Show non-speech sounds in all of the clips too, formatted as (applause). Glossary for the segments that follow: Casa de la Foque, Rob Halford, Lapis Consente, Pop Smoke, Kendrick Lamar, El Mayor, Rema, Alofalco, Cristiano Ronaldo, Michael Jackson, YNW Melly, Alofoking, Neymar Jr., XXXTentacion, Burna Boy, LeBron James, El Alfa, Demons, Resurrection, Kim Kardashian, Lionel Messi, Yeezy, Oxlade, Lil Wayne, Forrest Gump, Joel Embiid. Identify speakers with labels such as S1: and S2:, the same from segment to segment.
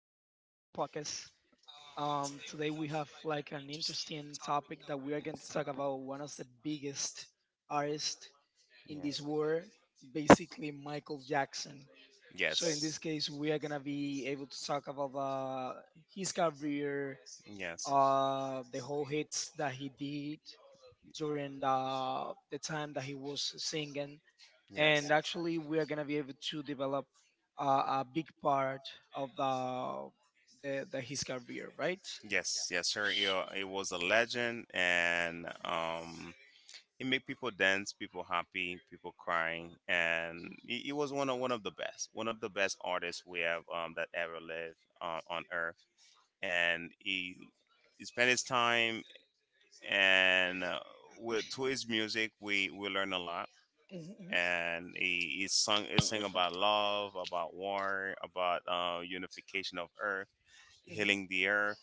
S1: podcast. Today we have like an interesting topic that we are going to talk about one of the biggest artists in this
S2: Yes.
S1: world, basically Michael Jackson. So in
S2: Yes.
S1: this case, we are gonna be able to talk about his career,
S2: Yes.
S1: the whole hits that he did during the time that he was singing, and
S2: Yes.
S1: actually we are going to be able to develop a big part of the his career, right?
S2: Yes. Yes, sir. It, it was a legend, and it made people dance, people happy, people crying, and it was one of the best, one of the best artists we have that ever lived on Earth, and he spent his time and with to his music we learn a lot.
S1: Mhm,
S2: And he sing about
S1: mhm,
S2: love, about war, about unification of earth,
S1: mhm.
S2: healing the earth.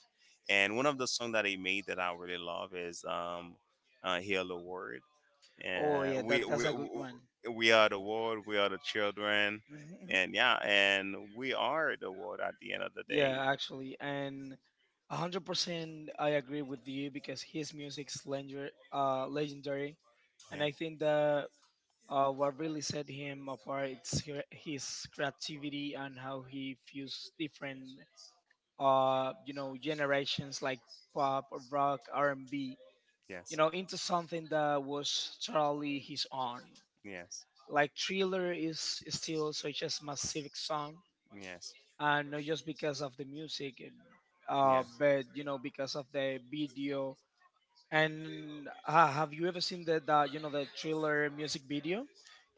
S2: And one of the songs that he made that I really love is "Heal the World."
S1: Oh
S2: And
S1: yeah, that's a good one.
S2: we are the world. We are the children.
S1: Mhm, mhm.
S2: And yeah, and we are the world at the end of the day.
S1: Yeah, actually, and 100% I agree with you because his music's legendary,
S2: Yeah.
S1: and I think that what really set him apart is his creativity and how he fused different generations like pop, rock, R&B, you
S2: Yes.
S1: know, into something that was totally his own.
S2: Yes.
S1: Like Thriller is still such a massive song,
S2: Yes.
S1: and not just because of the music,
S2: Yes.
S1: but, you know, because of the video. And have you ever seen the you know the Thriller music video?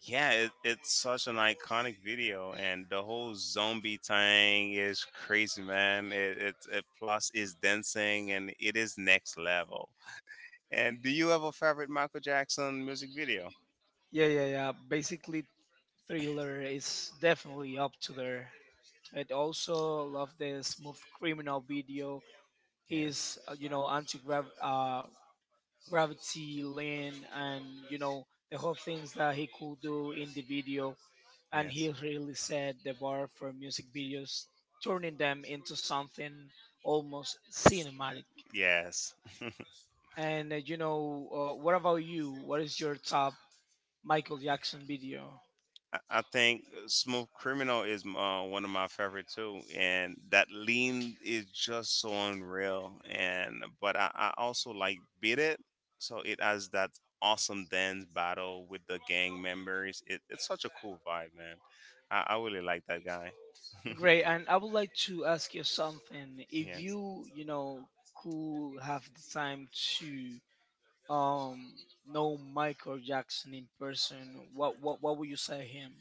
S2: Yeah, it's such an iconic video, and the whole zombie thing is crazy, man. It plus is dancing, and it is next level. And do you have a favorite Michael Jackson music video?
S1: Yeah, yeah, yeah. Basically, Thriller is definitely up to there. And also love the Smooth Criminal video. His
S2: Yes,
S1: anti uh, gravity lane and, you know, the whole things that he could do in the video. And he
S2: yes,
S1: really set the bar for music videos, turning them into something almost cinematic.
S2: yes. (laughs)
S1: And you know, what about you? What is your top Michael Jackson video?
S2: I think Smooth Criminal is one of my favorite too, and that lean is just so unreal. And but I also like Beat It, so it has that awesome dance battle with the gang members. It's such a cool vibe, man. I really like that guy. (laughs)
S1: Great, and I would like to ask you something. If
S2: Yeah.
S1: you, you know, could have the time to um know Michael Jackson in person, what would you say him?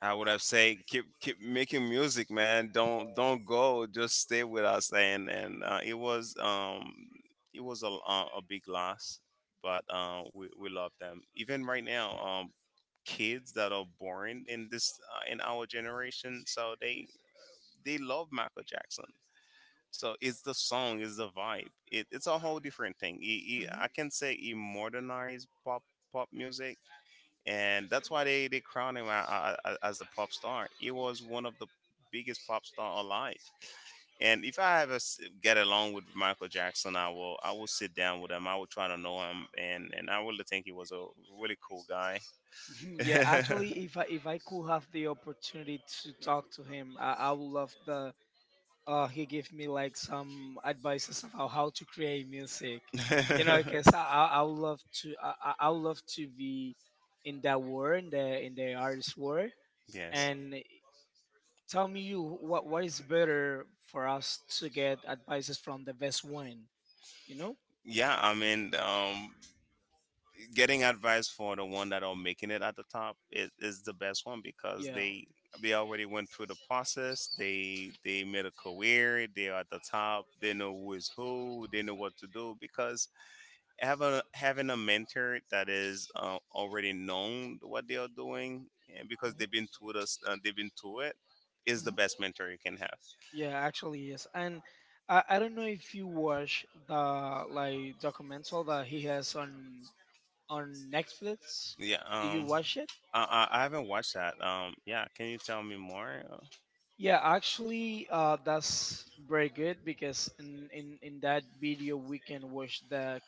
S2: I would have said keep making music, man. Don't go. Just stay with us. And it was a big loss, but we love them. Even right now, kids that are born in this in our generation, so they love Michael Jackson. So it's the song, it's the vibe. It's a whole different thing.
S1: Mhm.
S2: I can say he modernized pop music, and that's why they crowned him as the pop star. He was one of the biggest pop star alive. And if I ever get along with Michael Jackson, I will sit down with him. I will try to know him, and I really think he was a really cool guy.
S1: (laughs)
S2: (laughs)
S1: Yeah, actually, if I could have the opportunity to talk to him, I would love the he gave me like some advices about how to create music. You know, (laughs) because I would love to I would love to be in that world, in the artist world.
S2: Yes.
S1: And tell me you, what is better for us to get advices from the best one, you know?
S2: Yeah, I mean, getting advice for the one that are making it at the top is the best one because
S1: Yeah.
S2: they already went through the process. They made a career, they are at the top, they know who is who, they know what to do. Because having having a mentor that is already known what they are doing, and because
S1: Mhm.
S2: they've been through this they've been through it, is
S1: Is the
S2: the
S1: best
S2: best
S1: mentor
S2: mentor you
S1: you can
S2: can have.
S1: have. Yeah, actually, yes. And I don't know if you watch the like documental that he has on Netflix.
S2: Yeah.
S1: Do you watch it?
S2: I haven't watched that, yeah, can you tell me more?
S1: Yeah, actually, that's very good because in that video we can watch the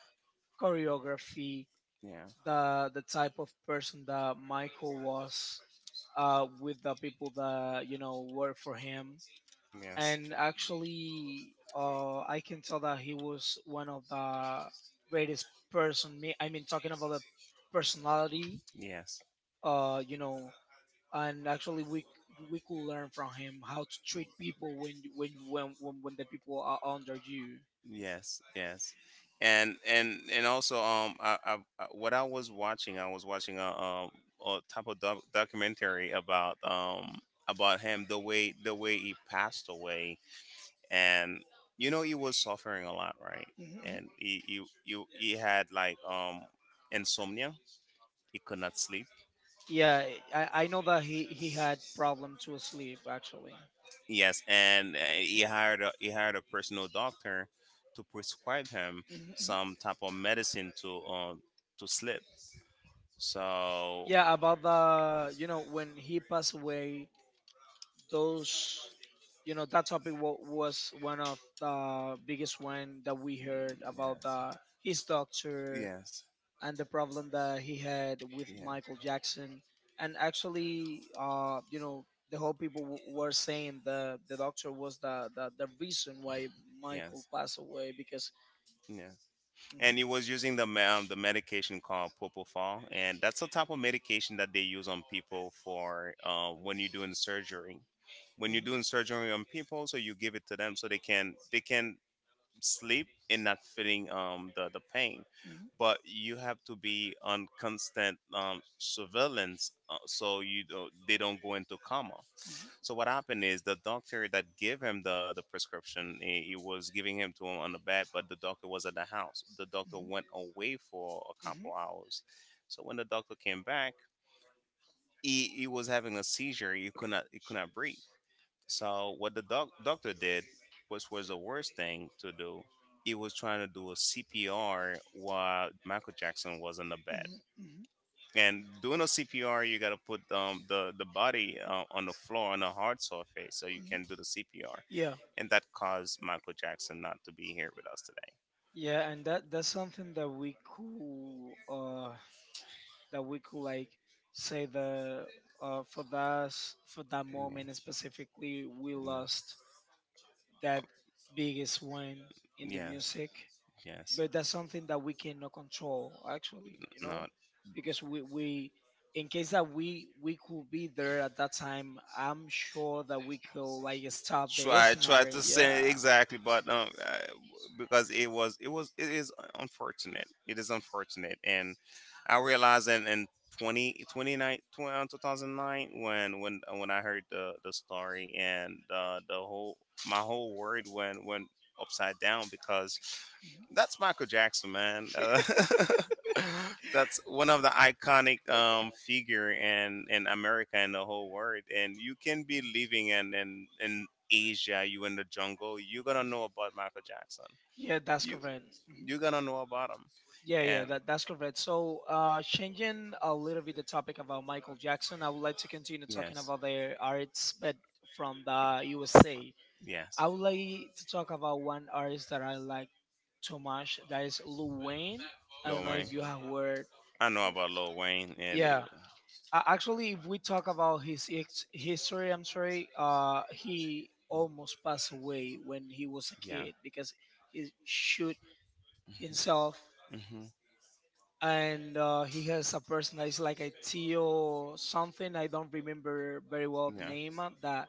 S1: choreography,
S2: yeah.
S1: the type of person that Michael was, with the people that, you know, work for him,
S2: Yes.
S1: and actually, I can tell that he was one of the greatest person me I mean talking about the personality,
S2: Yes,
S1: you know. And actually, we could learn from him how to treat people when the people are under you.
S2: yes, yes, and also, I what I was watching a type of documentary about him, the way he passed away, and you know he was suffering a lot, right?
S1: Mhm.
S2: And he had like insomnia, he could not sleep.
S1: Yeah, I know that he had problem to sleep, actually.
S2: Yes, and he hired he hired a personal doctor to prescribe him
S1: Mhm.
S2: some type of medicine to sleep. So
S1: Yeah, about the, you know, when he passed away, those, you know, that topic was one of the biggest one that we heard about the his
S2: yes,
S1: doctor
S2: yes,
S1: and the problem that he had with Michael
S2: yeah,
S1: Jackson. And actually, you know, the whole people were saying the doctor was the reason why Michael
S2: yes,
S1: passed away because
S2: yeah.
S1: Mhm,
S2: And he was using the the medication called propofol, and that's a type of medication that they use on people for when you're doing surgery. When you're
S1: mhm,
S2: doing surgery on people, so you give it to them so they can sleep and not feeling the pain. But you have to be on constant surveillance, so you don't, they don't go into coma.
S1: mhm,
S2: So what happened is the doctor that gave him the prescription, he was giving him to him on the bed, but the doctor was at the house. The
S1: mhm,
S2: doctor
S1: mhm.
S2: went away for a
S1: Mhm.
S2: couple hours. So when the doctor came back, he was having a seizure. He could not breathe. So what the doctor did, which was the worst thing to do, he was trying to do a CPR while Michael Jackson was in the bed.
S1: Mhm. Mhm.
S2: And doing a CPR, you got to put the body on the floor on a hard surface so you
S1: Mhm.
S2: can do the CPR.
S1: Yeah.
S2: And that caused Michael Jackson not to be here with us today.
S1: Yeah, and that's something that we could that we could like say that, for for that moment specifically, we
S2: Yeah.
S1: lost that biggest one in the
S2: Yeah.
S1: music.
S2: Yes. Yes.
S1: But that's something that we cannot control, actually, you
S2: No,
S1: know, because we, in case that we could be there at that time, I'm sure that we could like stop the
S2: try this. Try
S1: scenario,
S2: to say
S1: yeah.
S2: exactly, but because it is unfortunate, it is unfortunate. And I realized in 20 29 2009 when I heard the story, and the whole my whole world went upside down because
S1: (laughs) Mhm.
S2: that's Michael Jackson, man. (laughs) That's one of the iconic figure in America and the whole world. And you can be living in Asia, you in the jungle, you're gonna know about Michael Jackson.
S1: Yeah, that's
S2: You
S1: correct.
S2: you're
S1: Mhm.
S2: gonna know about him.
S1: Yeah, yeah,
S2: And
S1: that's correct. So, changing a little bit the topic about Michael Jackson, I would like to continue
S2: yes,
S1: talking
S2: yes.
S1: about the arts, but from the USA. I would like to talk about one artist that I like, Tomash, that is Lil Wayne. I don't
S2: Lil
S1: know
S2: Wayne.
S1: if you have heard.
S2: I know about Lil Wayne. And
S1: Yeah. Actually, if we talk about his history, I'm sorry. He almost passed away when he was a
S2: yeah.
S1: kid because he shoot himself,
S2: Mhm. Hmm.
S1: and he has a person that is like a Tio something. I don't remember very well the
S2: Yeah.
S1: name, that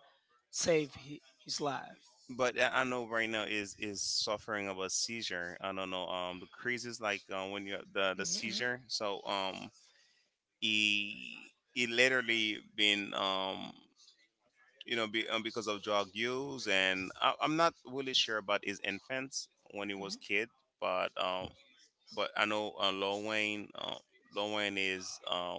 S1: saved his life.
S2: But I know right now is suffering of a seizure. I don't know. The craziest like when you
S1: Mhm,
S2: the
S1: mhm.
S2: seizure. So he literally been you know be, because of drug use, and I'm not really sure about his infants when he was
S1: Mhm.
S2: kid, but I know Lil Wayne. Lil Wayne is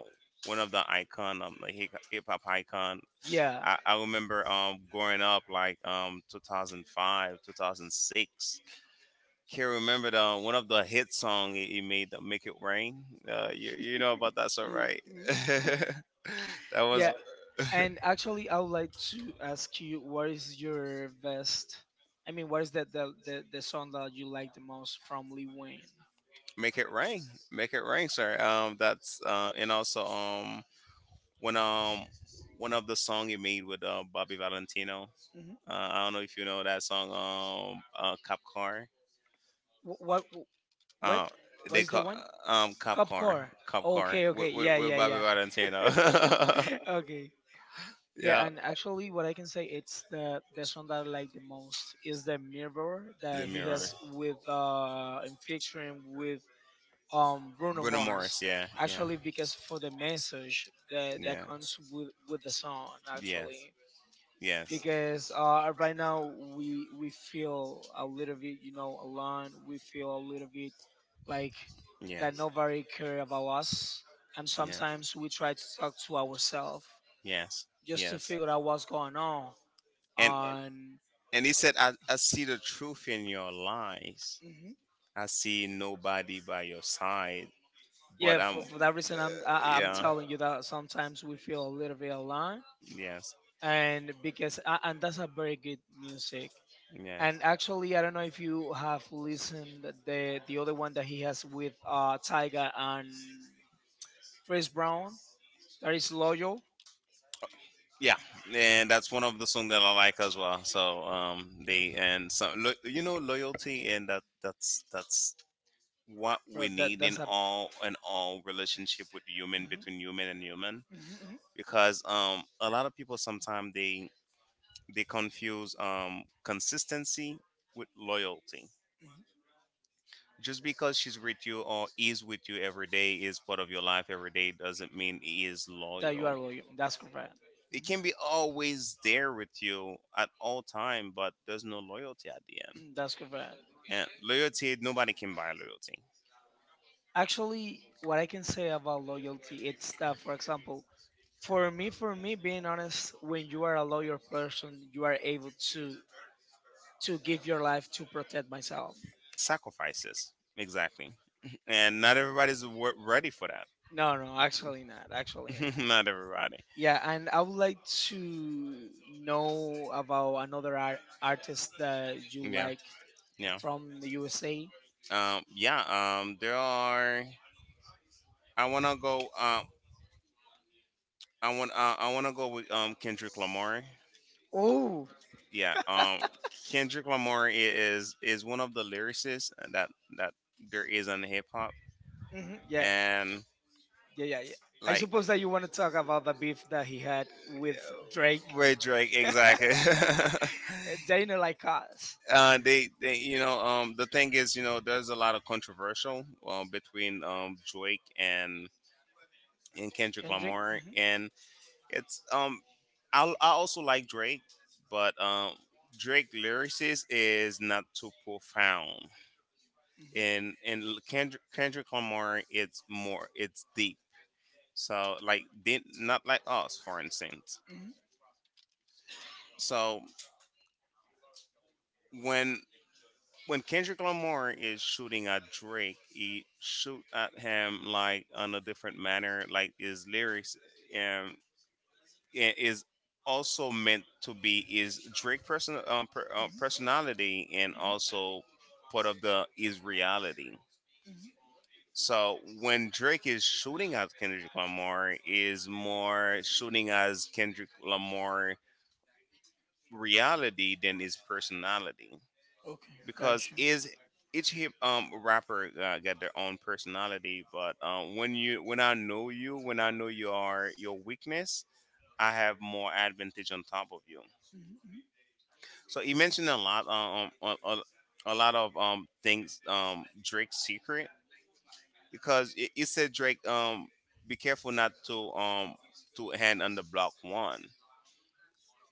S2: one of the icon, like hip hop icon.
S1: Yeah.
S2: I remember growing up, like 2005, 2006. Can't remember the one of the hit song he made, the "Make It Rain." You know about that, so right?
S1: Mhm.
S2: (laughs)
S1: (laughs)
S2: That was
S1: Yeah, and actually, I would like to ask you, what is your best? I mean, what is that the song that you like the most from Lee Wayne?
S2: "Make It Rain," "Make It Rain," sir. That's and also one um one of the song he made with Bobby Valentino.
S1: Hmm.
S2: I don't know if you know that song. Cop Car.
S1: What what what
S2: Uh,
S1: what
S2: they
S1: is the
S2: call
S1: one?
S2: Cop Car.
S1: Copcore.
S2: Cop Car
S1: Okay, okay. Yeah,
S2: with
S1: yeah,
S2: Bobby
S1: yeah.
S2: Valentino. (laughs)
S1: (laughs) Okay. Yeah,
S2: Yeah,
S1: and actually, what I can say, it's the song that I like the most is the mirror
S2: the
S1: that he
S2: mirror.
S1: has with, in featuring with, Bruno
S2: Bruno
S1: Mars.
S2: Morris, yeah, yeah,
S1: Actually, because for the message that
S2: yeah,
S1: comes with the song,
S2: yeah,
S1: actually.
S2: yes,
S1: Because, right now we feel a little bit, you know, alone, we feel a little bit like
S2: yeah,
S1: that nobody
S2: yeah,
S1: care about us, and sometimes we try to talk to ourselves
S2: yes,
S1: just to
S2: yes.
S1: figure out what's going on
S2: And
S1: and
S2: and he said, I see the truth in your lies.
S1: mhm.
S2: I see nobody by your side. But
S1: Yeah, for that reason I'm
S2: yeah,
S1: telling you that sometimes we feel a little bit alone.
S2: yes,
S1: And because and that's a very good music.
S2: yes.
S1: And actually, I don't know if you have listened the other one that he has with, Tyga and Chris Brown, that is Loyal.
S2: Yeah, and that's one of the song that I like as well. So they and some you know, loyalty, and that's what we
S1: Bro, that
S2: need in
S1: that's a
S2: all relationship, with human
S1: hmm,
S2: between human and human.
S1: continue. Hmm, hmm,
S2: Because a lot of people sometimes they confuse consistency with loyalty.
S1: hmm.
S2: Just because she's with you or is with you every day, is part of your life every day, doesn't mean he is
S1: That loyal, you
S2: loyal.
S1: are loyal. That's correct. It
S2: It can be
S1: hmm.
S2: always there with you at all time, but there's no loyalty at the end.
S1: Mm. That's correct.
S2: And loyalty, nobody can buy loyalty.
S1: Actually, what I can say about loyalty, it's that, for example, for me, being honest, when you are a loyal person, you are able to give your life to protect myself.
S2: Sacrifices, exactly. (laughs) And not everybody's ready for that.
S1: No, no, actually not. Actually not.
S2: (laughs) Not everybody.
S1: Yeah, and I would like to know about another artist that you
S2: Yeah,
S1: like
S2: yeah.
S1: from the USA.
S2: Yeah there are, i want to go um I want to go with Kendrick Lamar.
S1: Oh,
S2: Yeah, Kendrick Lamar is is one of the lyricists that that there is in hip hop.
S1: hmm. Yeah,
S2: And
S1: yeah, yeah, yeah. I
S2: like
S1: suppose that you want to talk about the beef that he had with Drake.
S2: Ray Drake, exactly.
S1: (laughs)
S2: (laughs)
S1: Dana like us.
S2: They you know the thing is, you know, there's a lot of controversial between Drake and Kendrick
S1: Kendrick.
S2: Lamar.
S1: Hmm,
S2: And it's I also like Drake, but Drake lyricist is not too profound,
S1: hmm, hmm.
S2: and Kendrick Lamar, it's more, it's deep. So like did not like us, for instance. So when when Kendrick Lamar is shooting at Drake, he shoot at him like on a different manner. Like his lyrics, um, is also meant to be is Drake person
S1: Mhm.
S2: personality, and
S1: Mhm.
S2: also part of the is reality.
S1: Mhm.
S2: So when Drake is shooting at Kendrick Lamar, is more shooting as Kendrick Lamar reality than his personality.
S1: Okay,
S2: Because
S1: gotcha.
S2: is each hip rapper got their own personality. But when you when I know you, when I know your weakness, I have more advantage on top of you.
S1: Mhm.
S2: So you mentioned a lot, a lot of things, Drake's secret. Because it said Drake, be careful not to to hand on the block one.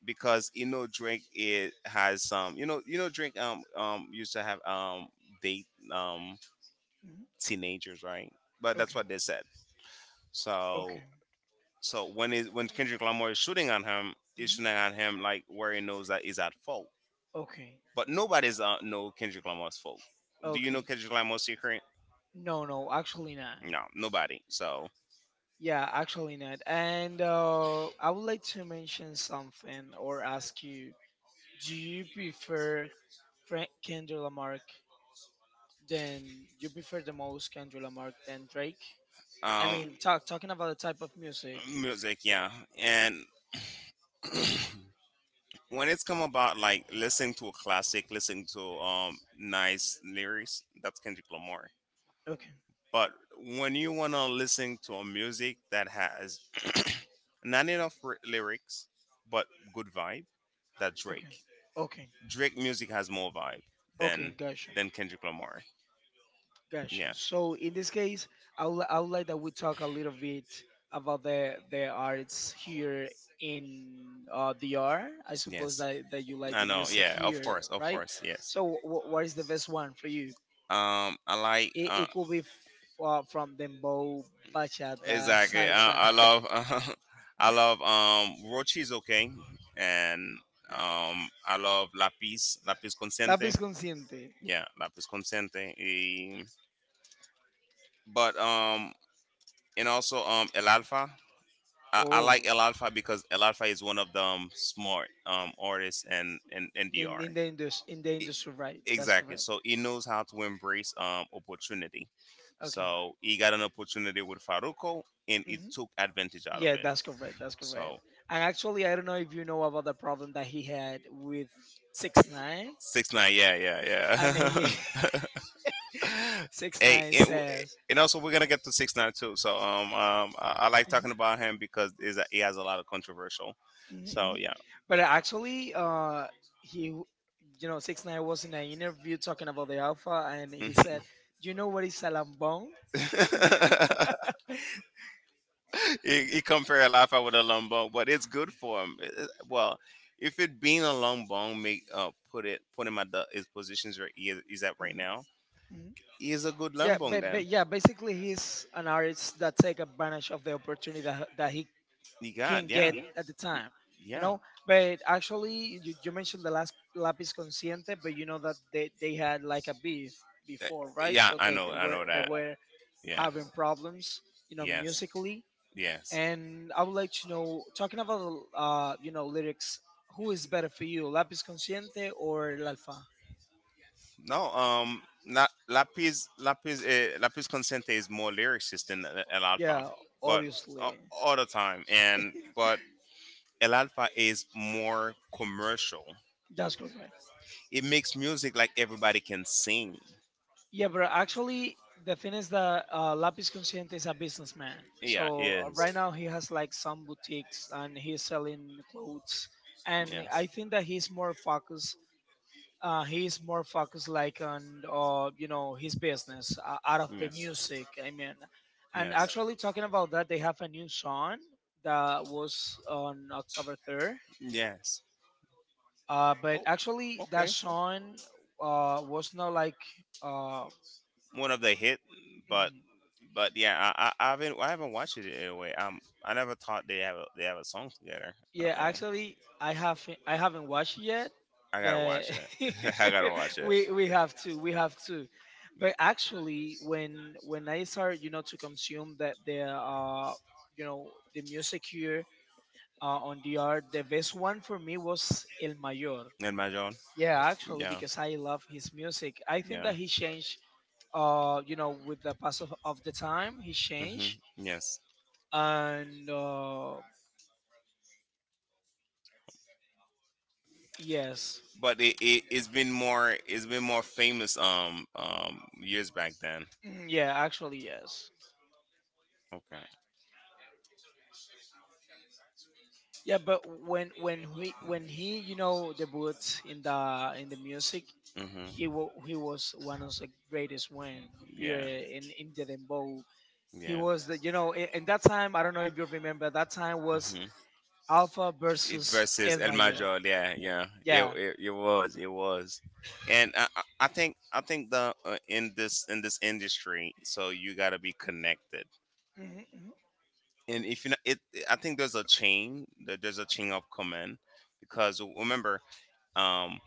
S2: Because you know Drake, it has some, you know, you know Drake used to have date um
S1: Mhm.
S2: teenagers, right, but that's
S1: Okay.
S2: what they said. So
S1: Okay.
S2: so when it when Kendrick Lamar is shooting on him, is shooting on him
S1: Mhm.
S2: like where he knows that he's at fault.
S1: Okay. Do you
S2: But nobody's know Kendrick Lamar's fault.
S1: know?
S2: Do you know
S1: Okay.
S2: Kendrick Lamar's secret?
S1: No, no, actually not.
S2: No, nobody. So,
S1: Yeah, actually not. And I would like to mention something or ask you: do you prefer Kendrick Lamar, than you prefer the most Kendrick Lamar than Drake? I
S2: um,
S1: mean, talking about the type of music.
S2: music, yeah. And when it's come about like listening to a classic, listening to nice lyrics, that's Kendrick Lamar.
S1: Okay.
S2: But when you wanna listen to a music that has (clears throat) not enough lyrics but good vibe, that's
S1: Okay.
S2: Drake.
S1: Okay.
S2: Drake music has more vibe
S1: Okay.
S2: than
S1: Gotcha.
S2: than Kendrick Lamar.
S1: Gotcha.
S2: Yeah.
S1: So in this case, I would like that we talk a little bit about the arts here in, DR. I suppose
S2: Yes.
S1: that, that you like
S2: I
S1: the
S2: know.
S1: music
S2: Yeah. Of
S1: here,
S2: course. Of
S1: right?
S2: course. Yes.
S1: So what is the best one for you?
S2: I like.
S1: It, it could be f- uh, from dembow, bachata,
S2: Exactly. I,
S1: salsa,
S2: I
S1: (laughs)
S2: love. (laughs) I love. Rochi is okay, and I love Lapis. Lapis Consente.
S1: lápiz consciente.
S2: Yeah, Lapis Consente. But and also El Alfa. I
S1: Oh,
S2: like El Alfa because El Alfa is one of the smart artists and in NDR.
S1: in the
S2: E-
S1: industry, right? That's
S2: Exactly.
S1: correct.
S2: So he knows how to embrace opportunity.
S1: Okay.
S2: So he got an opportunity with Faruko and he
S1: Mhm.
S2: took advantage out of
S1: Yeah,
S2: it.
S1: that's correct. That's correct.
S2: So
S1: And actually, I don't know if you know about the problem that he had with 6ix9ine,
S2: six nine. Yeah, yeah,
S1: and he
S2: yeah. (laughs)
S1: (laughs) six
S2: Hey,
S1: nine
S2: and,
S1: says,
S2: and also we're gonna get to six nine too. So I like
S1: mhm,
S2: talking about him because is he has a lot of controversial.
S1: mhm,
S2: So
S1: mhm.
S2: yeah.
S1: But actually, he, you know, 6ix9ine was in an interview talking about the Alpha, and he said,
S2: Mhm.
S1: "You know what is salambong?"
S2: (laughs)
S1: (laughs)
S2: He compare Alafa with a long bone, but it's good for him. Well, if it being a long bone make put him at the his positions where he is, he's at right
S1: Mhm,
S2: now,
S1: mhm.
S2: he is a good long
S1: Yeah,
S2: bone
S1: but
S2: then.
S1: yeah, basically he's an artist that take advantage of the opportunity that, that he
S2: He
S1: can
S2: got,
S1: get.
S2: yeah,
S1: Yeah, at the time, you
S2: yeah.
S1: know. But actually, you mentioned the last Lapis Consciente, but you know that they had like a beef
S2: Uh,
S1: before, right?
S2: yeah,
S1: So,
S2: I know, I know
S1: they
S2: that.
S1: were
S2: Yeah,
S1: having problems, you know,
S2: yes,
S1: musically.
S2: yes.
S1: And I would like to know, talking about, you know, lyrics, who is better for you, Lapis Consciente or El Alfa?
S2: No, Lapis Consente is more lyricist than El Alfa,
S1: Yeah,
S2: but
S1: obviously,
S2: all the time. And but El Alfa is more commercial.
S1: that's correct.
S2: It makes music like everybody can sing.
S1: Yeah, but actually, the thing is that, Lapis Consciente is a businessman.
S2: Yeah,
S1: So,
S2: is.
S1: right now he has like some boutiques and he's selling clothes. And
S2: Yeah.
S1: I think that he's more focused. He's more focused like on, you know, his business out of the
S2: Yes.
S1: music, I mean. And
S2: Yes.
S1: actually, talking about that, they have a new song that was on October 3rd.
S2: Yes.
S1: But
S2: Oh,
S1: actually,
S2: okay.
S1: that song was not like uh,
S2: One of the hit, but but yeah, I haven't watched it in a way. I never thought they have a song together. I
S1: Yeah,
S2: think.
S1: actually, I haven't watched it yet,
S2: I gotta
S1: but
S2: watch it. (laughs) I gotta watch
S1: (laughs)
S2: it.
S1: we have to, we have to. But actually, when I started, you know, to consume that the you know the music here, on the art, the best one for me was El Mayor.
S2: And my John.
S1: Yeah, actually,
S2: Yeah.
S1: because I love his music. I think
S2: Yeah.
S1: that he changed. You know, with the pass of the time, he
S2: Hmm.
S1: changed,
S2: Yes,
S1: and yes.
S2: but it's been more famous years back then.
S1: Mm. Yeah, actually, yes.
S2: Okay.
S1: Yeah, but when he you know debuted in the music,
S2: Hmm.
S1: he he was one of the greatest one here
S2: Yeah.
S1: in the dembow. He
S2: Yeah.
S1: was the in that time I don't know if you remember that time was
S2: Mhm.
S1: Alpha
S2: It
S1: versus
S2: versus
S1: El
S2: El
S1: Mayor.
S2: Major, yeah, yeah, it,
S1: Yeah.
S2: it, it was, it was, And I think the in this industry, so you gotta be connected.
S1: hmm hmm
S2: And if you know it, I think there's a chain of command, because remember um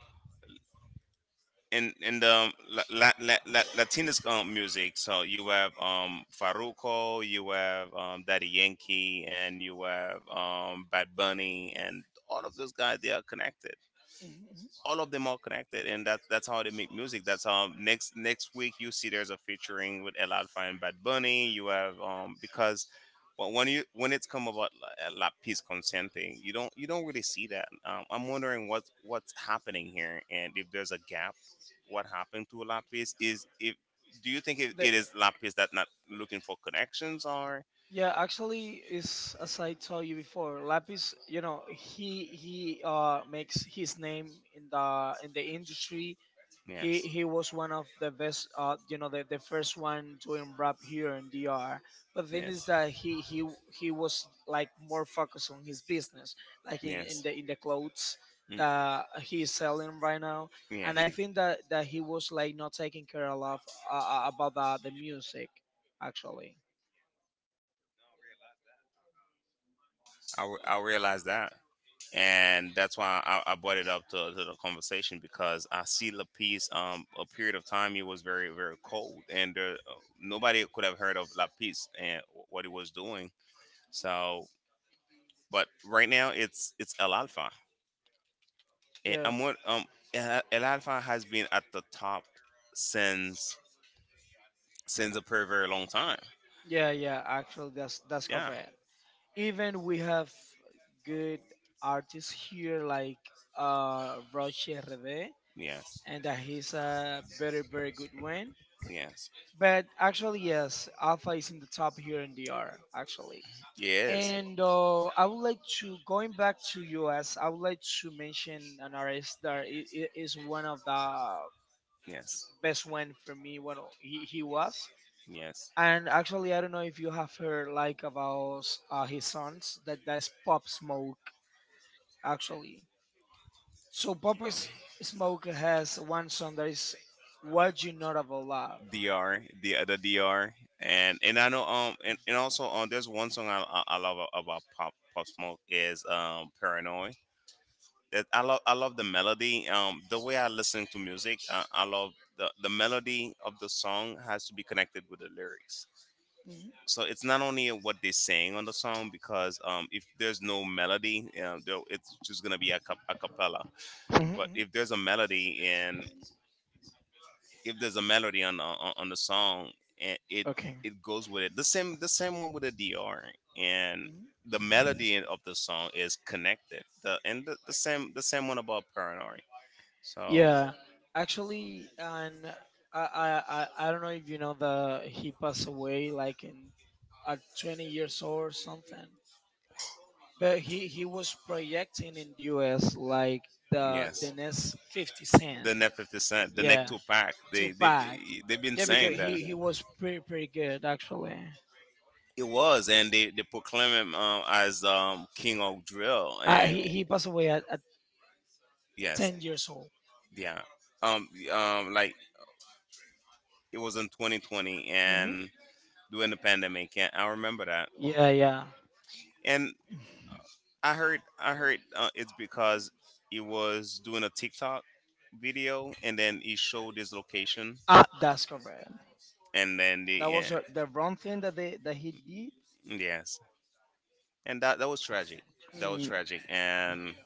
S2: in the latinas music, so you have Faruco, you have Daddy Yankee, and you have Bad Bunny, and all of those guys, they are connected.
S1: hmm
S2: All of them are connected, and that's how they make music. That's how next week you see there's a featuring with El Alfa and Bad Bunny. You have because, well, when you when it's come about La Piece Consenting, you don't really see that. I'm wondering what's happening here, and if there's a gap, what happened to La Piece is, if, do you think it,
S1: The,
S2: it is La Piece that not looking for connections? Or
S1: Yeah, actually, is as I told you before, Lapis. You know, he makes his name in the industry. He
S2: yes,
S1: he was one of the best. You know, the first one doing rap here in DR. But thing is
S2: yes.
S1: that he was like more focused on his business, like
S2: Yes.
S1: in the clothes
S2: Mm.
S1: that he is selling right now.
S2: Yes.
S1: And I think that that he was like not taking care a lot about the music, actually.
S2: I realize that. And that's why I brought it up to the conversation, because I see Lapis. A period of time he was very very cold, and there, nobody could have heard of Lapis and what he was doing. So, but right now it's El Alfa, and
S1: Yeah.
S2: I'm what El Alfa has been at the top since since a very very long time.
S1: Yeah, yeah, actually that's
S2: Yeah.
S1: correct. Even we have good artists here like Roche RD,
S2: Yes.
S1: and that he's a very very good one.
S2: Yes. Yes.
S1: But actually yes, Alpha is in the top here in the actually.
S2: Yes.
S1: And I would like to going back to US, I would like to mention an artist that is one of the best one for me when he was.
S2: Yes.
S1: And actually, I don't know if you have heard like about his sons. That that's Pop Smoke actually. So Smoke has one song that is "What You Know About Love."
S2: Dr. The other Dr. And I know, and also, there's one song I love about Pop Smoke is, Paranoid. I love the melody. The way I listen to music, I love, the melody of the song has to be connected with the lyrics.
S1: Mhm.
S2: So it's not only what they're saying on the song, because if there's no melody, it's just gonna be a, a cappella.
S1: Mhm,
S2: But
S1: mhm.
S2: if there's a melody, and if there's a melody on on the song, and it
S1: Okay.
S2: it goes with it. The same one with the DR, and
S1: Mhm.
S2: the melody of the song is connected. The and the, the same one about paranoid. So
S1: Yeah, actually, and I don't know if you know that he passed away like in at 20 years old or something. But he was projecting in the U.S. like the
S2: yes,
S1: next 50 Cent.
S2: the net fifty cent, the neck
S1: Yeah,
S2: two pack. They they
S1: Tupac.
S2: they've been
S1: Yeah,
S2: saying
S1: because
S2: that
S1: he was pretty pretty good actually.
S2: it was, and they proclaim him, as king of drill. And
S1: He passed away at
S2: yes,
S1: 10 years old.
S2: yeah, like, it was in 2020
S1: hmm
S2: and during the pandemic. And I remember that.
S1: Yeah, yeah.
S2: And I heard it's because he was doing a TikTok video, and then he showed his location
S1: Ah, that's correct.
S2: and then the
S1: That was
S2: end.
S1: the wrong thing that they that he did.
S2: Yes, and that was tragic. That was
S1: Mm,
S2: tragic, and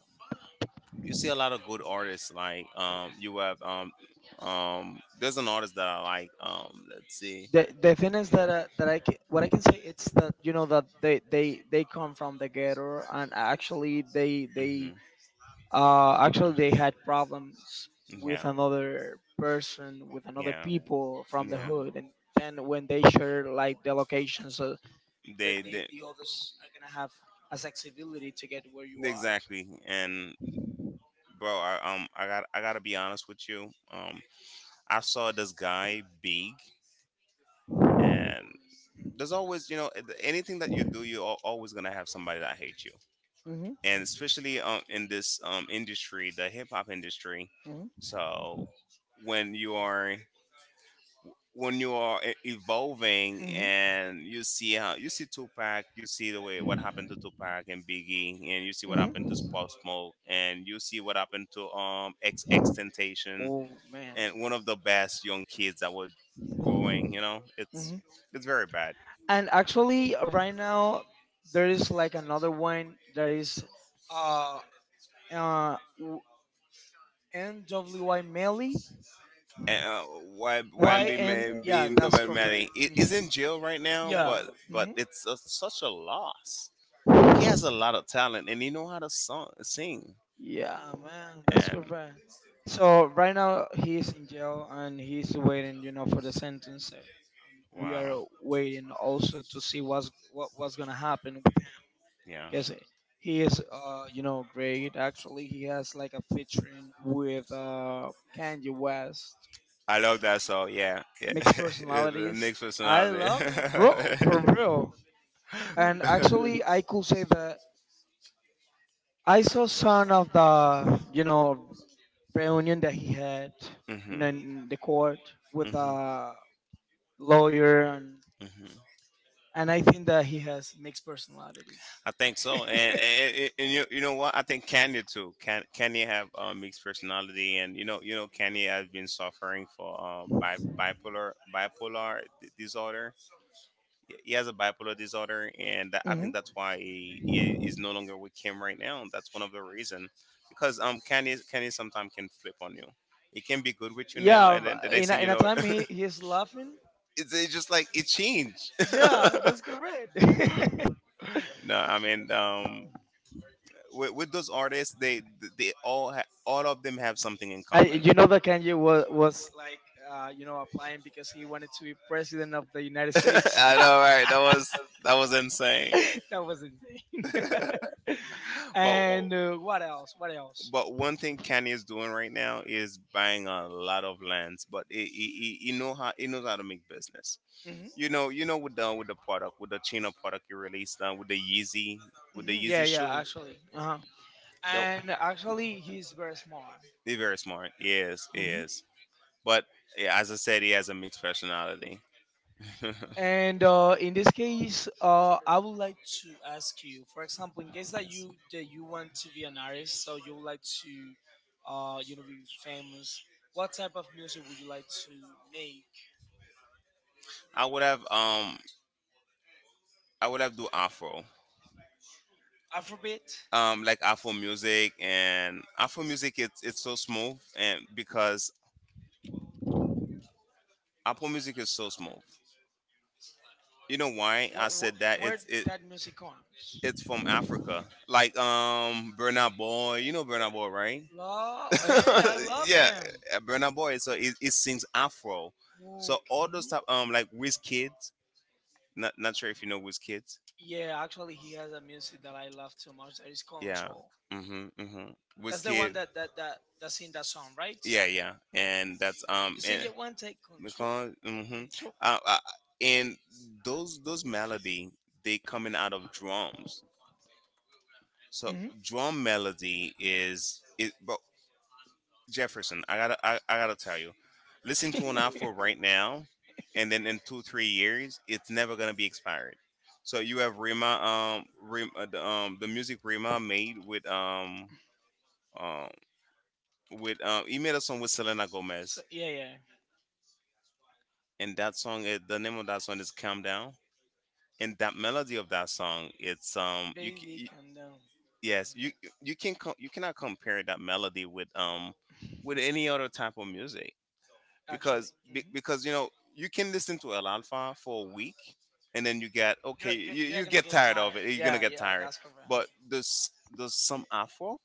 S2: you see a lot of good artists. Like, you have, there's an artist that I like. Let's see.
S1: the thing is that that I can, what I can say it's that you know that they come from the ghetto, and actually
S2: Hmm.
S1: they actually they had problems with
S2: Yeah,
S1: another person, with another
S2: yeah,
S1: people from the
S2: yeah.
S1: hood. And then when they share like the location, so
S2: They
S1: the others are gonna have a accessibility to get where you are.
S2: exactly. And bro, I gotta be honest with you. I saw this guy Big, and there's always, anything that you do, you're always gonna have somebody that hates you.
S1: Mm-hmm,
S2: And especially, in this, industry, the hip-hop industry.
S1: mm-hmm.
S2: So when you are when you are evolving,
S1: Mhm.
S2: and you see Tupac, you see the way what happened to Tupac and Biggie, and you see what
S1: Mhm.
S2: happened to Pop Smoke, and you see what happened to X Extentation,
S1: Oh man.
S2: and one of the best young kids that was growing. You know, it's very bad.
S1: And actually, right now there is like another one that is uh uh w- NWY Melly.
S2: And,
S1: Y
S2: YMB
S1: N,
S2: man
S1: yeah,
S2: being
S1: that's
S2: double Manning
S1: correct.
S2: is
S1: Mhm.
S2: in jail right now,
S1: Yeah.
S2: but
S1: Mhm.
S2: it's such a loss. He has a lot of talent, and he know how to sing.
S1: Yeah, man, that's
S2: And,
S1: correct. So right now he's in jail, and he's waiting, you know, for the sentence. And we
S2: wow.
S1: are waiting also to see what's what, what's gonna happen with him
S2: Yeah,
S1: because he is, you know, great. Actually, he has like a featuring with Kanye West.
S2: I love that song. Yeah, yeah.
S1: Mixed
S2: (laughs) The
S1: personalities.
S2: Nick's
S1: I
S2: personality.
S1: love it, bro, for real. And actually,
S2: (laughs)
S1: I could say that I saw some of the, you know, reunion that he had, you
S2: hmm
S1: know, in the court with a lawyer,
S2: hmm
S1: and I think that he has mixed personalities.
S2: I think so. And you know what? I think Kanye too. Can Kanye have, mixed personality? And you know, you know, Kanye has been suffering for, bipolar disorder.
S1: (laughs)
S2: He has a bipolar disorder. And that, I
S1: hmm
S2: think that's why he is no longer with Kim right now. That's one of the reason, because Kanye sometimes can flip on you. It can be good with you now,
S1: Yeah, it can
S2: and
S1: be
S2: then the
S1: bad
S2: next
S1: in a,
S2: thing
S1: with
S2: you
S1: in a
S2: know, (laughs)
S1: time he is
S2: it's,
S1: laughing.
S2: it's just like it changed.
S1: Yeah, that's
S2: (laughs)
S1: correct.
S2: No, I mean, with those artists, they, all of them have something in
S1: (laughs) I,
S2: common.
S1: you know that Kanye was like, you know, applying because he wanted to be president of the United
S2: (laughs)
S1: States. (laughs)
S2: I
S1: That
S2: know, right? That was
S1: was
S2: that was insane.
S1: insane. (laughs) (laughs)
S2: But
S1: And what else? What else?
S2: but one thing Kanye is doing right now is buying a lot of lands. But he knows how to make business.
S1: Hmm
S2: With the product, with the Chino product you released, with the Yeezy, with
S1: hmm
S2: the
S1: Yeah,
S2: Yeezy
S1: yeah, shoe,
S2: shoes.
S1: actually. Uh-huh.
S2: No,
S1: And actually, he's very smart.
S2: they're very smart. Yes,
S1: Hmm
S2: yes. But yeah, as I said, he has a mixed personality. (laughs)
S1: And in this case, I would like to ask you, for example, in case that you want to be an artist, so you would like to, you know, be famous. What type of music would you like to make?
S2: I would have um I would have do Afro.
S1: Afrobeat.
S2: Like Afro music, and Afro music it's so smooth, and because Afro music is so smooth. You know why
S1: Where
S2: I
S1: where,
S2: said that?
S1: where
S2: It's it
S1: that music comes?
S2: it's from Africa. Like, Burna Boy. You know Burna Boy, right? (laughs)
S1: Law. Hey, I (laughs) love
S2: Yeah,
S1: him.
S2: Burna Boy. So it sings Afro.
S1: I'm,
S2: So all those type, like
S1: Okay.
S2: Wiz Kids. Not sure if you know WizKids.
S1: Yeah, actually, he has a music that I love too much. That is, yeah,
S2: Yeah. Choke.
S1: Control.
S2: Mhm. Mhm.
S1: That's the one
S2: WizKid.
S1: that that's in that song, right?
S2: Yeah, yeah. And that's,
S1: You say you
S2: and
S1: then want to take
S2: take
S1: control,
S2: control. Because
S1: control.
S2: uh, uh, and those melody they coming out of drums. So
S1: Hmm (laughs)
S2: drum melody is it. But Jefferson, I gotta tell you, listen to an offer
S1: (laughs)
S2: right now, and then in two, 3 years, it's never gonna be expired. So you have Rima, the, music Rima made um, with, he made a song with Selena
S1: So,
S2: Gomez,
S1: yeah, yeah.
S2: and the name of that song is "Calm Down," and that melody of that song, it's, you,
S1: Baby,
S2: you,
S1: calm down.
S2: yes,
S1: Calm down.
S2: you, you cannot compare that melody with any other type of music.
S1: Actually,
S2: Because,
S1: mhm.
S2: be, because, you can listen to El Alfa for a week, and then you get, okay, you,
S1: You're gonna
S2: get
S1: get
S2: tired
S1: tired
S2: of it.
S1: of,
S2: You're gonna
S1: yeah, gonna,
S2: get
S1: yeah,
S2: tired,
S1: that's correct.
S2: but there's some Afro.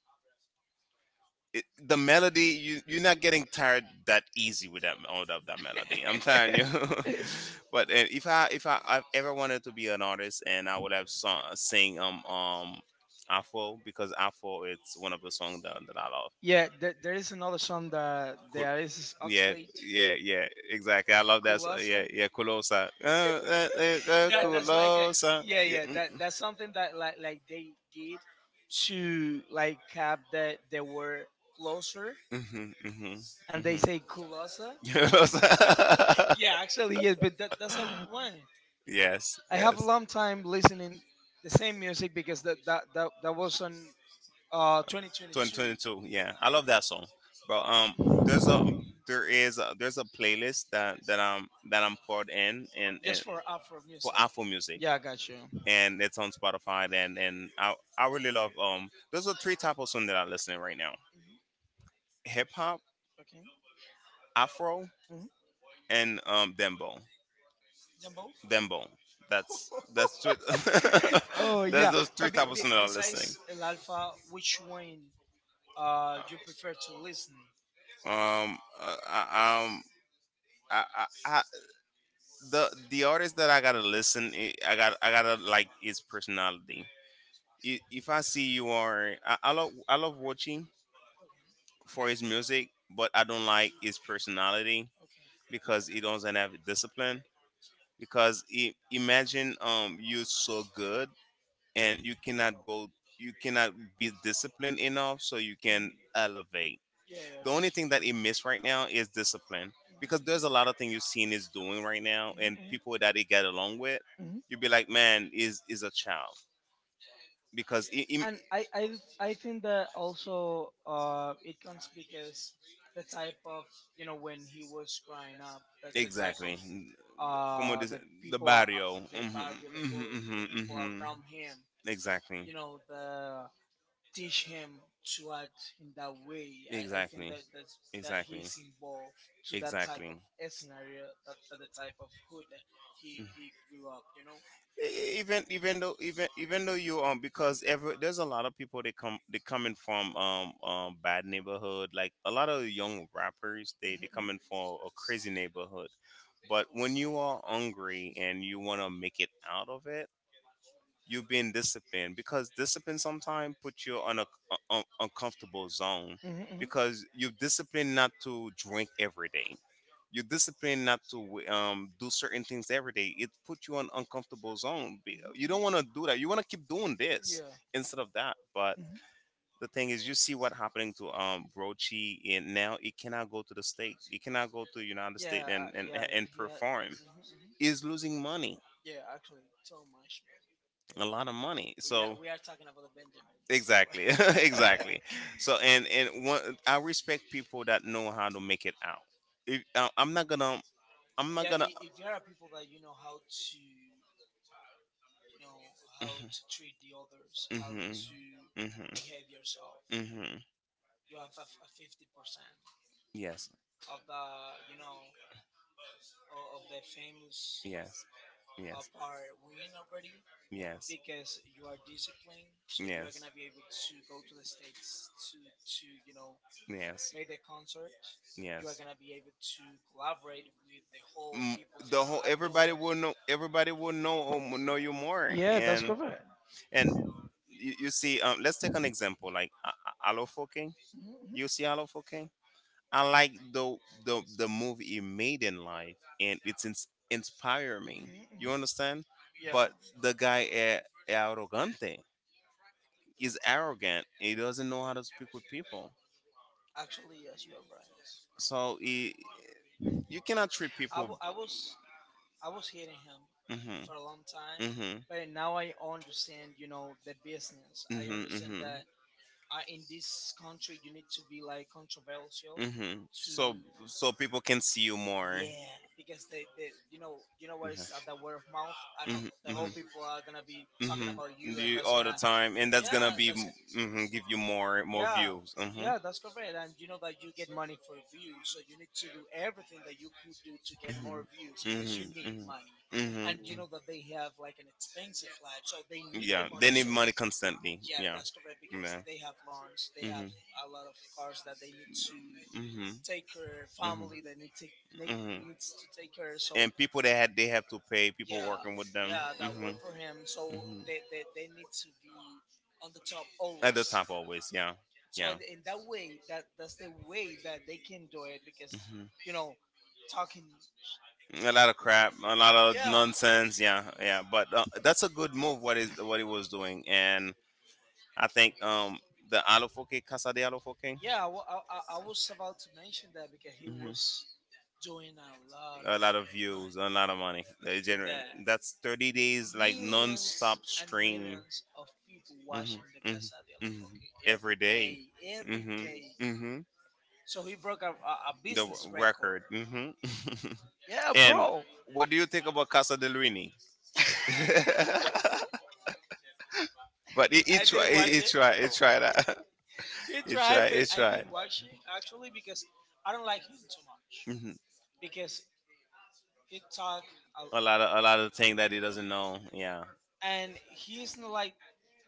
S2: The melody, you're not getting tired that easy with that out of that melody. (laughs) I'm telling you.
S1: (laughs)
S2: (laughs) but and If I, if I've ever wanted to be an artist, and I would have sung sing, Afro. Because Afro it's one of the songs that I love.
S1: Yeah, there is another song that there is
S2: Yeah,
S1: Oxlade,
S2: yeah, yeah, exactly. I
S1: oh,
S2: love
S1: that's
S2: that.
S1: what-
S2: Yeah,
S1: Kulasa.
S2: yeah, Kulosa.
S1: (laughs) That that's like a,
S2: Kulosa.
S1: yeah,
S2: Yeah,
S1: yeah.
S2: mm, mm.
S1: That that's something that like they did to like cap that they were closer,
S2: Mhm, mhm,
S1: and they
S2: mhm.
S1: say Kulasa.
S2: (laughs)
S1: (laughs)
S2: Kulosa.
S1: Yeah, actually yes, but that, that's a good one.
S2: Yes,
S1: I have a
S2: yes.
S1: long time listening the same music because that was on 2022.
S2: 2022. Yeah, I love that song, bro. There's a there is a, there's a playlist that I'm poured in, and,
S1: Just
S2: and
S1: for Afro
S2: for
S1: music.
S2: Afro music,
S1: Yeah, I got you.
S2: and it's on Spotify. And I really love. Those are three type of song that I'm listening right now:
S1: Mhm.
S2: hip hop,
S1: Okay.
S2: Afro,
S1: hmm
S2: and dembo.
S1: Them both.
S2: Dembo. That's three, (laughs)
S1: (laughs) Oh
S2: that's
S1: yeah,
S2: those three
S1: but
S2: type of song that I'm listening.
S1: besides El Alfa, which one you prefer to listen?
S2: Um, uh, I, um, I, I, the artist that I gotta listen, I gotta like his personality. If I see you are, I love watching for his music, but I don't like his personality because he doesn't have discipline. Because I imagine you so good, and you
S1: Okay.
S2: cannot be disciplined enough so you can
S1: Mhm.
S2: elevate.
S1: Yeah, yeah.
S2: The
S1: I got
S2: only thing
S1: you.
S2: that it missed right now is discipline, because there's a lot of things you've seen is doing right now, and people that it get along with,
S1: Hmm
S2: you'd be like, man, is a child because it.
S1: And I think that also it comes because the type of, you know, when he was growing up, that the type of
S2: Exactly. Como dice,
S1: the
S2: the
S1: people, are,
S2: barrio.
S1: the barrio,
S2: Hmm,
S1: the hood, the
S2: hmm, hmm,
S1: people
S2: hmm.
S1: around him,
S2: Exactly.
S1: you know, the teach him to act in that way. I think
S2: Exactly.
S1: that that's, that he
S2: Exactly.
S1: is involved of
S2: Exactly.
S1: eh, scenario, that, that the type of hood that
S2: Mm.
S1: he grew up, you know?
S2: E- e, even even though you, because every there's a lot of people that come, they coming from bad neighborhood, like a lot of young rappers, they coming from a crazy neighborhood. But when you are hungry and you want to make it out of it, you being disciplined, because discipline sometimes put you on a uncomfortable zone.
S1: Mhm, mhm. Mhm,
S2: Because you discipline not to drink every day, you discipline not to do certain things every day, it puts you on uncomfortable zone. You don't want to do that, you want to keep doing this instead of that. But the thing is, you see what happening to brochi, and now it cannot go to the state, it
S1: yeah.
S2: cannot go to
S1: Mhm.
S2: United
S1: Yeah,
S2: States
S1: I,
S2: and
S1: yeah, he had,
S2: perform
S1: mhm, mhm.
S2: is losing money,
S1: Yeah, actually, so much.
S2: a lot of money. Yeah. So
S1: We are, so we are talking about the
S2: the
S1: Benjamins.
S2: Benjamin.
S1: So. (laughs)
S2: Exactly. (laughs)
S1: (laughs) (laughs) Exactly.
S2: Exactly. So and one, I respect people that know how to make it out. If, I'm
S1: I'm
S2: not
S1: Yeah,
S2: gonna.
S1: if you are people that you know how to, you know how to treat the others, how to
S2: Hmm. To.
S1: behave yourself,
S2: Hmm. Hmm.
S1: you have a 50%
S2: Yes. Of.
S1: of the, you know, of the famous
S2: Yes.
S1: part winning already
S2: Yes.
S1: because you are disciplined. So you are gonna be able to go to the states, to, you know, made the concert. You are gonna be able to collaborate with the whole people
S2: The countries.
S1: that are doing.
S2: Everybody will know, know you more.
S1: Yeah, that's correct.
S2: And you see, let's take an example, like Alofoking.
S1: Mhm, mhm,
S2: You see Alofoking? I like the movie he made in life, and it's inspire me.
S1: mhm,
S2: You
S1: mhm.
S2: understand?
S1: Yeah,
S2: But the guy, arrogante, is arrogant. He doesn't know how to speak with people.
S1: actually, yes, you are right.
S2: So you cannot treat
S1: I
S2: people.
S1: w- I was I was hating him
S2: Hmm. Hmm.
S1: for a long time, but now I understand, you know, the business. I
S2: Hmm.
S1: understand
S2: Hmm.
S1: that in this country you need to be like controversial
S2: Hmm. To.
S1: to,
S2: So people can see you more.
S1: yeah, because they, you know, you know
S2: Yeah.
S1: what is the word of mouth. And the whole
S2: Mm-hmm.
S1: people are gonna be talking about you, and that's,
S2: Time, and
S1: yeah, that's it.
S2: mm-hmm, you more.
S1: Yeah,
S2: Mm-hmm.
S1: yeah, that's correct. And you know that you get money for views, so you need to do everything that you could do to get more views because you need money.
S2: Hmm. And
S1: And you know that they have like an expensive life, so they
S2: need.
S1: need the
S2: Yeah,
S1: money.
S2: money
S1: So
S2: money constantly.
S1: yeah, that's correct because they have lunch, they have
S2: Mhm.
S1: a lot of cars that they need to
S2: Mhm.
S1: take care,
S2: Mhm.
S1: family that need to
S2: They
S1: need,
S2: need. Mhm.
S1: needs to take care. So
S2: And people that had they have to pay.
S1: yeah, yeah, that work
S2: Mhm.
S1: for him. So
S2: Mhm.
S1: they need to be on the top always.
S2: Always. Yeah. So.
S1: So in that way, that that's the way that they can do it because
S2: Mhm.
S1: you know talking.
S2: A lot of crap, a lot of
S1: Yeah.
S2: nonsense. Yeah, yeah. But that's a good move, what is what he was doing. And I think, the Alofoke, Casa de Alofoke.
S1: Yeah, I, wa- I was about to mention that because he
S2: Hmm.
S1: was doing a lot
S2: A
S1: of
S2: lot of
S1: money
S2: views, a lot of money. They
S1: with
S2: generate,
S1: that.
S2: that's 30 days like
S1: Millions
S2: non-stop millions
S1: and
S2: stream.
S1: millions of people
S2: Hmm.
S1: watching the
S2: Hmm. De.
S1: Casa de la
S2: Hmm.
S1: Foque
S2: Every
S1: every
S2: day.
S1: day, every
S2: Hmm.
S1: day.
S2: Hmm.
S1: So he broke a
S2: The
S1: business
S2: record.
S1: record.
S2: Hmm.
S1: Yeah,
S2: (laughs) And
S1: bro.
S2: what do you think about Casa del Rini? (laughs) But
S1: I didn't watch it.
S2: it try that. (laughs)
S1: (laughs) He tried, but
S2: It
S1: I
S2: try.
S1: didn't watch it actually because I don't like him too much
S2: Hmm.
S1: because he talk a,
S2: A lot of things that he doesn't know. Yeah,
S1: and he isn't like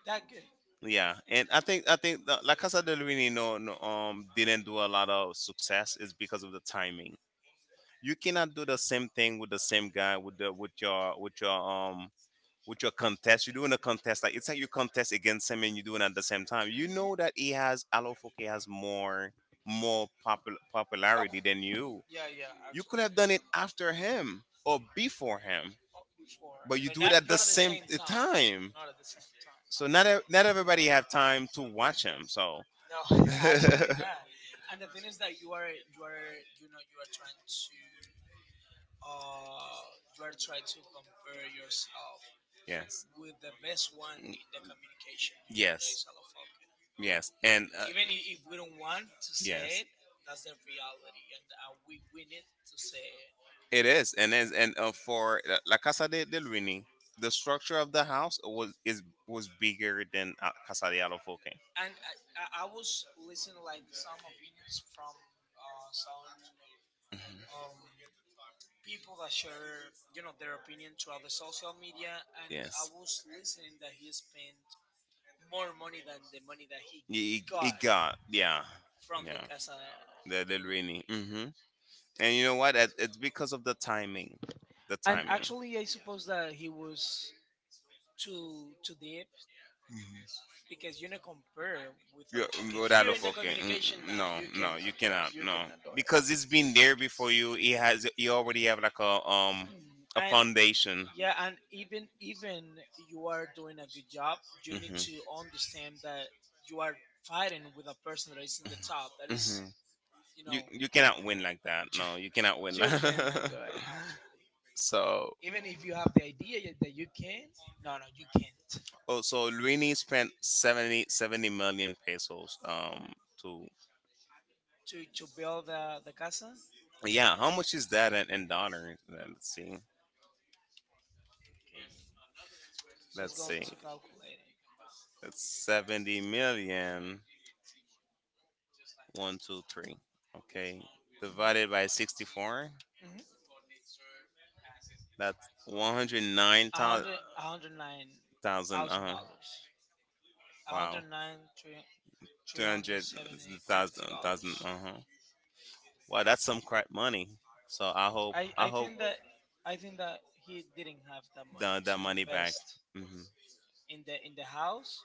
S1: that good.
S2: yeah. And I think La Casa del Rini, no, no, didn't do a lot of success is because of the timing. You cannot do the same thing with the same guy, with the with your with your with your contest. You're doing a contest, like it's like you contest against him and you're doing at the same time. You
S1: Mhm.
S2: know that he has Alofoke has more
S1: Of-
S2: popularity than you.
S1: yeah, yeah,
S2: You could have done
S1: absolutely.
S2: it after him or before him,
S1: Oh, before,
S2: but you
S1: but
S2: do it
S1: not
S2: at the
S1: not at the
S2: same
S1: same time.
S2: time.
S1: Not at the same time.
S2: So not not everybody have time to watch him. So (laughs)
S1: No, (laughs) actually not. And the thing is that you are you know you are trying to you are trying to compare yourself with the best one in the communication here that, yes, that is Alofalco.
S2: yes. And
S1: Even if we don't want to yes, say it, that's the reality, and we need to say it.
S2: it is, and for La Casa del Rini, the structure of the house was bigger than Casa de Alofoque.
S1: And I was listening like some opinions from some um, people that share you know their opinion throughout the social media, and I was listening that he spent more money than the money that
S2: It
S1: got
S2: got, yeah.
S1: from the
S2: Yeah.
S1: Casa the,
S2: The,
S1: de
S2: the
S1: Luna.
S2: rainy. Hmm. And you know what? It's because of the timing. The
S1: And
S2: timing.
S1: actually, I suppose that he was too too deep because you know compare with a
S2: Compared
S1: lot.
S2: with,
S1: Okay,
S2: yeah, without
S1: here
S2: a
S1: in the
S2: fucking,
S1: communication now,
S2: no,
S1: you
S2: no, you
S1: cannot do it.
S2: cannot,
S1: You
S2: no,
S1: cannot do it.
S2: because it's been there before you. You already have like
S1: Mhm.
S2: a
S1: And
S2: foundation.
S1: yeah, and even even you are doing a good job, you
S2: Mhm.
S1: need
S2: Hmm.
S1: to understand that you are fighting with a person that is in the top. That is,
S2: Mhm.
S1: you
S2: You know,
S1: know,
S2: you cannot win like that.
S1: (laughs)
S2: No, you cannot win. Like
S1: you
S2: (laughs)
S1: cannot do it actually.
S2: so
S1: Even if you have the idea that you can, no, no, you can't.
S2: oh, so Luini spent seventy million pesos, to.
S1: To build the casa.
S2: Yeah, how much is that in dollars? Let's see.
S1: Okay, let's
S2: Let's
S1: go
S2: see.
S1: to calculating.
S2: That's 70 million. One, two, three. Okay. Divided by
S1: Mm-hmm.
S2: 64.
S1: Mm-hmm.
S2: That's 109,000.
S1: A hundred nine thousand
S2: Huh.
S1: dollars. A
S2: Wow.
S1: hundred nine three three hundred
S2: 200,000.
S1: seventy fifty
S2: Thousand. Thousand.
S1: dollars.
S2: Uh huh. Wow, that's some crap money. So I hope
S1: I
S2: I
S1: I
S2: hope
S1: think that I think that he didn't have that money
S2: that
S1: to
S2: money back.
S1: invest.
S2: Hmm.
S1: In the in the house,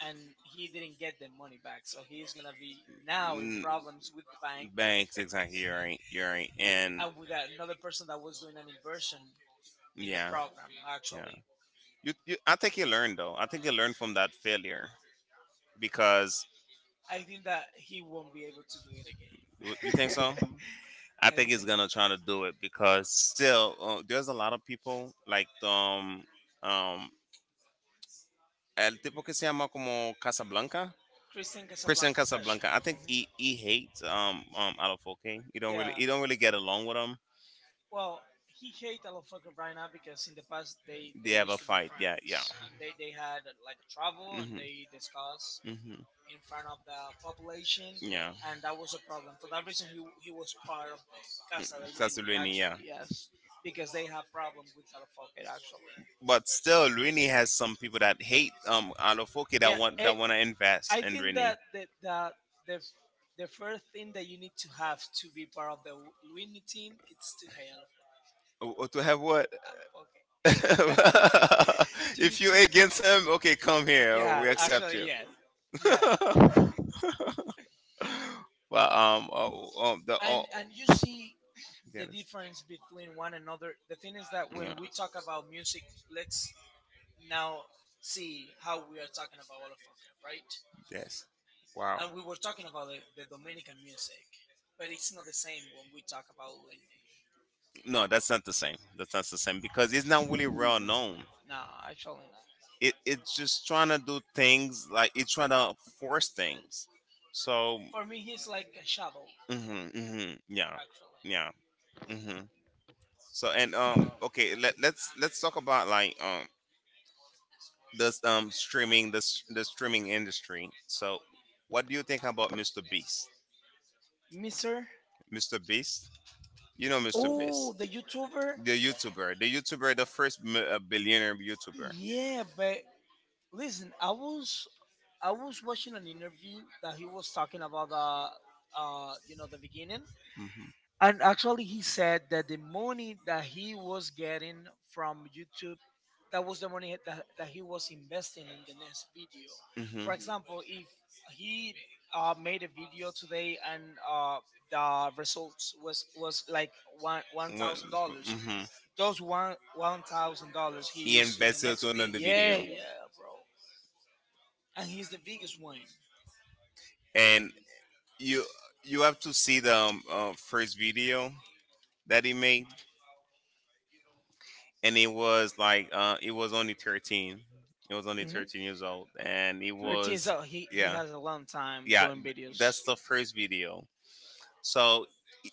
S1: and he didn't get the money back. So he is gonna be now in
S2: Mm.
S1: problems with the bank
S2: Banks, exactly. You're right. You're right. And
S1: and with another person that was doing an inversion in the
S2: yeah,
S1: program.
S2: yeah.
S1: Actually,
S2: You I think you learned, though. I think you learned from that failure because
S1: I think that he won't be able to do it again.
S2: you think so.
S1: (laughs)
S2: I
S1: I
S2: think he's
S1: think.
S2: gonna try to do it, because still, there's a lot of people like, um el tipo que se llama como Casablanca. Christian
S1: Casablanca, gotcha.
S2: Casablanca. I think
S1: Mhm.
S2: he hates, Alafoque. He don't really
S1: Yeah.
S2: he don't really get along with him.
S1: Well, he hate Alofoco right now because in the past they,
S2: They
S1: they
S2: have
S1: used
S2: a
S1: to be
S2: fight. Yeah,
S1: friends
S2: yeah.
S1: and they had like a travel and
S2: Mhm.
S1: they discussed
S2: Mhm.
S1: in front of the population
S2: Yeah.
S1: and that was a problem. For that reason, he was part of Casa del Duende
S2: Castlevania. Yeah.
S1: actually, yes, because they have problem with Alofoco actually.
S2: But still, Rini has some people that hate, Alofoke, that
S1: Yeah,
S2: want, to
S1: I
S2: invest in
S1: think
S2: Rini.
S1: that the the the first thing that you need to have to be part of the Luini team it's to hate
S2: Oh, oh, to have what?
S1: Alofoco.
S2: (laughs)
S1: (laughs) Due
S2: If you
S1: Unity.
S2: against him, okay, come here.
S1: Yeah,
S2: We accept
S1: actually,
S2: you.
S1: yeah, yeah.
S2: But
S1: And oh, and you see the
S2: the.
S1: difference between one another. The thing is that when we talk about music, let's now see how we are talking about all of Olafoka, right?
S2: Yes. Wow.
S1: And we were talking about the Dominican music, but it's not the same when we talk about Luis.
S2: No, that's not the same. That's not the same, because it's not really well known.
S1: No, actually not.
S2: It's just trying to do things, like it's trying to force things. So.
S1: For me, he's like a shadow,
S2: Hmm. Hmm. Yeah,
S1: actually.
S2: yeah. Hmm. So, and okay, let's talk about, like, this streaming this the s- the streaming industry. So what do you think about Mr. Beast?
S1: Mister.
S2: Mr. Beast, you know Mr.
S1: Oh,
S2: Beast,
S1: the YouTuber?
S2: the YouTuber, the first billionaire YouTuber.
S1: Yeah, but listen, I was watching an interview that he was talking about the you know the beginning, and actually, he said that the money that he was getting from YouTube, that was the money that he was investing in the next video.
S2: Hmm. For.
S1: For example,
S2: Hmm.
S1: if he made a video today and uh, the results was like one one
S2: What?
S1: thousand dollars,
S2: Hmm.
S1: those one one thousand dollars he
S2: He
S1: used in the
S2: invested
S1: next
S2: on the
S1: video.
S2: another
S1: Yeah,
S2: video,
S1: yeah, bro. And he's the biggest one.
S2: and you you have to see the, first video that he made. And it was like, it was only 13. It was only
S1: Mhm.
S2: 13 years old, and it 13.
S1: 13.
S2: Was.
S1: So he
S2: Yeah,
S1: has a long time
S2: yeah.
S1: doing videos.
S2: That's the first video. So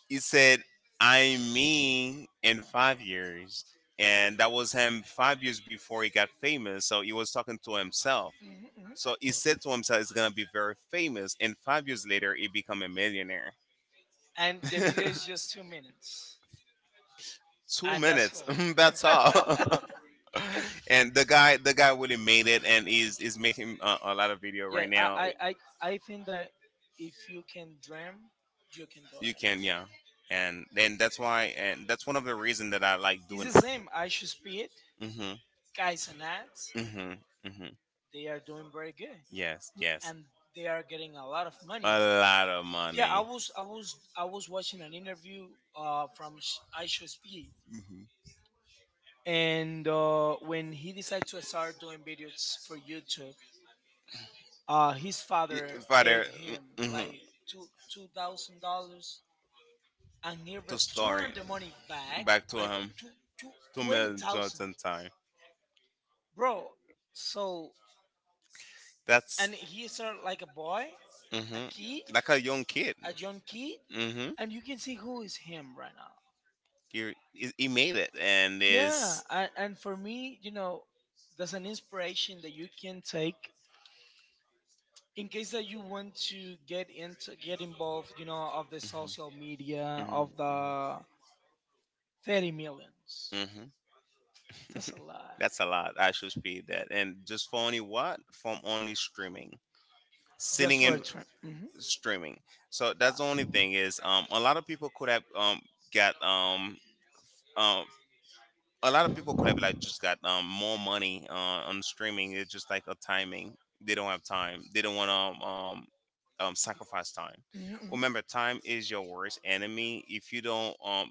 S2: he said, I'm me in 5 years. And that was him 5 years before he got famous. So he was talking to himself.
S1: Mhm, mhm.
S2: So he said to himself, it's going to be very famous. And 5 years later, he become a millionaire.
S1: And
S2: (laughs)
S1: the
S2: Two
S1: video is just 2 minutes, and that's
S2: minutes. (laughs) That's all.
S1: all. (laughs) (laughs) And
S2: (laughs) And the guy, really made it, and he's is making a lot of video
S1: yeah,
S2: right
S1: now.
S2: now.
S1: I think that if you can dream, you can do. You
S2: You
S1: can,
S2: can,
S1: anything.
S2: yeah, and then that's why, and that's one of the reason that I like
S1: It's
S2: doing.
S1: the same. I should speed
S2: Mhm,
S1: guys and ads.
S2: mhm, mhm.
S1: They are doing very good,
S2: Yes, yes.
S1: and they are getting a lot of money. Lot
S2: A
S1: of-
S2: lot of
S1: Yeah,
S2: money.
S1: I was watching an interview from I should speed,
S2: Mhm.
S1: and when he decided to start doing videos for YouTube, his father
S2: Father,
S1: gave him
S2: mhm,
S1: like two two thousand dollars, and he
S2: to store
S1: returned
S2: it
S1: the money back,
S2: back to
S1: but
S2: him.
S1: two, two,
S2: two
S1: twenty
S2: million
S1: thousand,
S2: dollars in time.
S1: bro. So
S2: That's
S1: and he started like a boy,
S2: a
S1: a kid,
S2: like a young kid.
S1: a young kid,
S2: Mm-hmm.
S1: and you can see who is him right now.
S2: He made it, and yeah,
S1: Yeah,
S2: is.
S1: and for me, you know, there's an inspiration that you can take in case that you want to get involved you know of the social
S2: Hmm.
S1: media
S2: Mhm,
S1: of the 30 million.
S2: hmm,
S1: That's a lot
S2: that's a lot. I should speed that, and just for only what from only streaming,
S1: just
S2: sitting
S1: for a
S2: in
S1: trend.
S2: streaming. So that's the only thing is, a lot of people could have got um. A lot of people could have like just got, more money, on streaming. It's just like a timing. They don't have time. They don't want to, sacrifice time. Remember, time is your worst enemy. If you don't,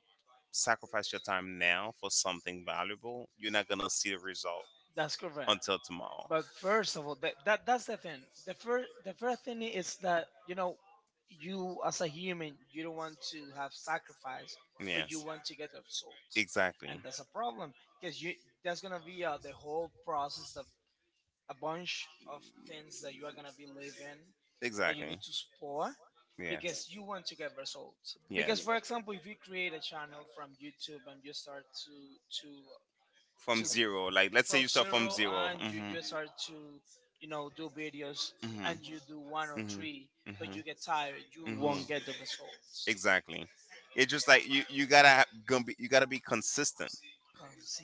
S2: sacrifice your time now for something valuable, you're not gonna see the result
S1: That's correct.
S2: until tomorrow.
S1: But first of all, that that's the thing. The first thing is that you know you as a human you don't want to have sacrifice, but you want to get the results,
S2: Exactly. And
S1: and that's a problem because you, that's gonna be the whole process, the
S2: you.
S1: a bunch of things that you are gonna be living that you need to support because
S2: Yes,
S1: you want to get results. Because for example, if you create a channel from YouTube and you start to to
S2: from.
S1: to
S2: So zero. Like, let's.
S1: from
S2: 0.
S1: zero and you
S2: Mm-hmm.
S1: just start to you know do videos and
S2: Mhm.
S1: you do one or three but you get tired you won't get the results.
S2: Exactly. It's just like you gotta ha- gonna be you gotta be consistent.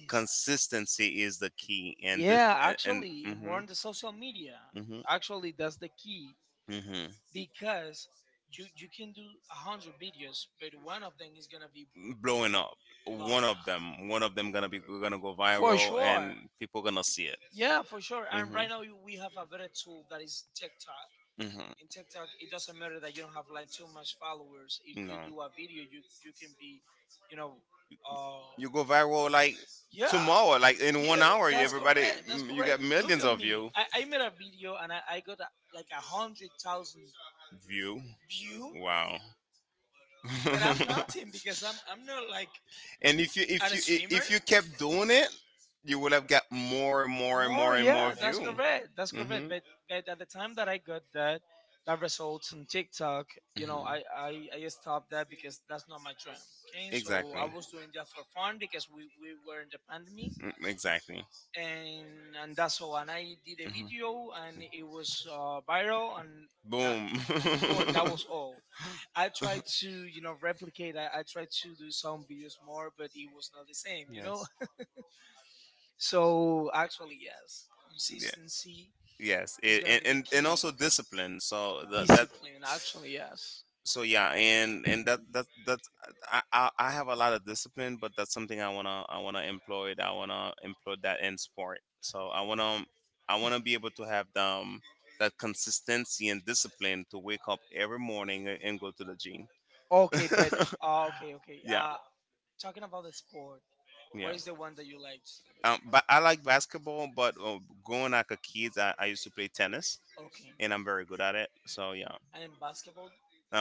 S2: Consistency is the key, and
S1: Yeah, actually more
S2: hmm,
S1: on the social media
S2: hmm,
S1: actually that's the key
S2: hmm,
S1: because you can do a hundred videos but one of them is gonna be
S2: blowing up.
S1: blown up
S2: One of them gonna, be gonna go
S1: for
S2: viral,
S1: sure.
S2: and people gonna see it.
S1: Yeah, for sure. And
S2: Mhm.
S1: right now we have a better tool that is TikTok. In TikTok, it doesn't matter that you don't have like too much followers. If
S2: Mhm.
S1: you
S2: No.
S1: do a video, you can be, you know, uh,
S2: You go viral like
S1: yeah,
S2: tomorrow, like in
S1: yeah,
S2: 1 hour.
S1: that's
S2: Everybody,
S1: correct. That's
S2: you
S1: correct.
S2: got
S1: (laughs) Look
S2: millions
S1: at
S2: of
S1: me.
S2: you.
S1: I made a video and I got a, like a hundred thousand
S2: View.
S1: view,
S2: Wow.
S1: but I'm (laughs)
S2: I'm
S1: nothing
S2: (laughs)
S1: because I'm not like
S2: and if you
S1: an
S2: a
S1: streamer.
S2: if a you kept doing it, you would have got more and more and
S1: More,
S2: more and more.
S1: yeah, that's correct. That's correct.
S2: Hmm.
S1: But at the time that I got that, that results on TikTok, you know,
S2: Hmm.
S1: I stopped that because that's not my dream. Okay, so I was doing that for fun because we were in the pandemic,
S2: Mm. Exactly. And
S1: and that's all. And I did a video, and it was viral, and
S2: that.
S1: that
S2: Boom.
S1: boom, that
S2: That.
S1: was boom. (laughs) All.
S2: (laughs)
S1: I tried to you know replicate that. I tried to do some videos more, but it was not the same. You know.
S2: (laughs)
S1: So actually, yes,
S2: Oh, yeah.
S1: consistency
S2: Yes.
S1: is
S2: It,
S1: gonna
S2: and,
S1: be the
S2: and
S1: key.
S2: and also discipline. So the that.
S1: Discipline, actually, yes.
S2: So yeah. And that, I have a lot of discipline, but that's something I want to, I want to employ, I want to employ that in sport. So I want to be able to have the, that consistency and discipline to wake up every morning and go to the gym.
S1: Okay, but
S2: (laughs)
S1: (laughs) okay, okay.
S2: Yeah,
S1: Talking about the sport,
S2: yeah.
S1: what is the one that you liked?
S2: But I like basketball. But, growing like a kid, I used to play tennis,
S1: Okay,
S2: and I'm very good at it. So yeah,
S1: and in basketball,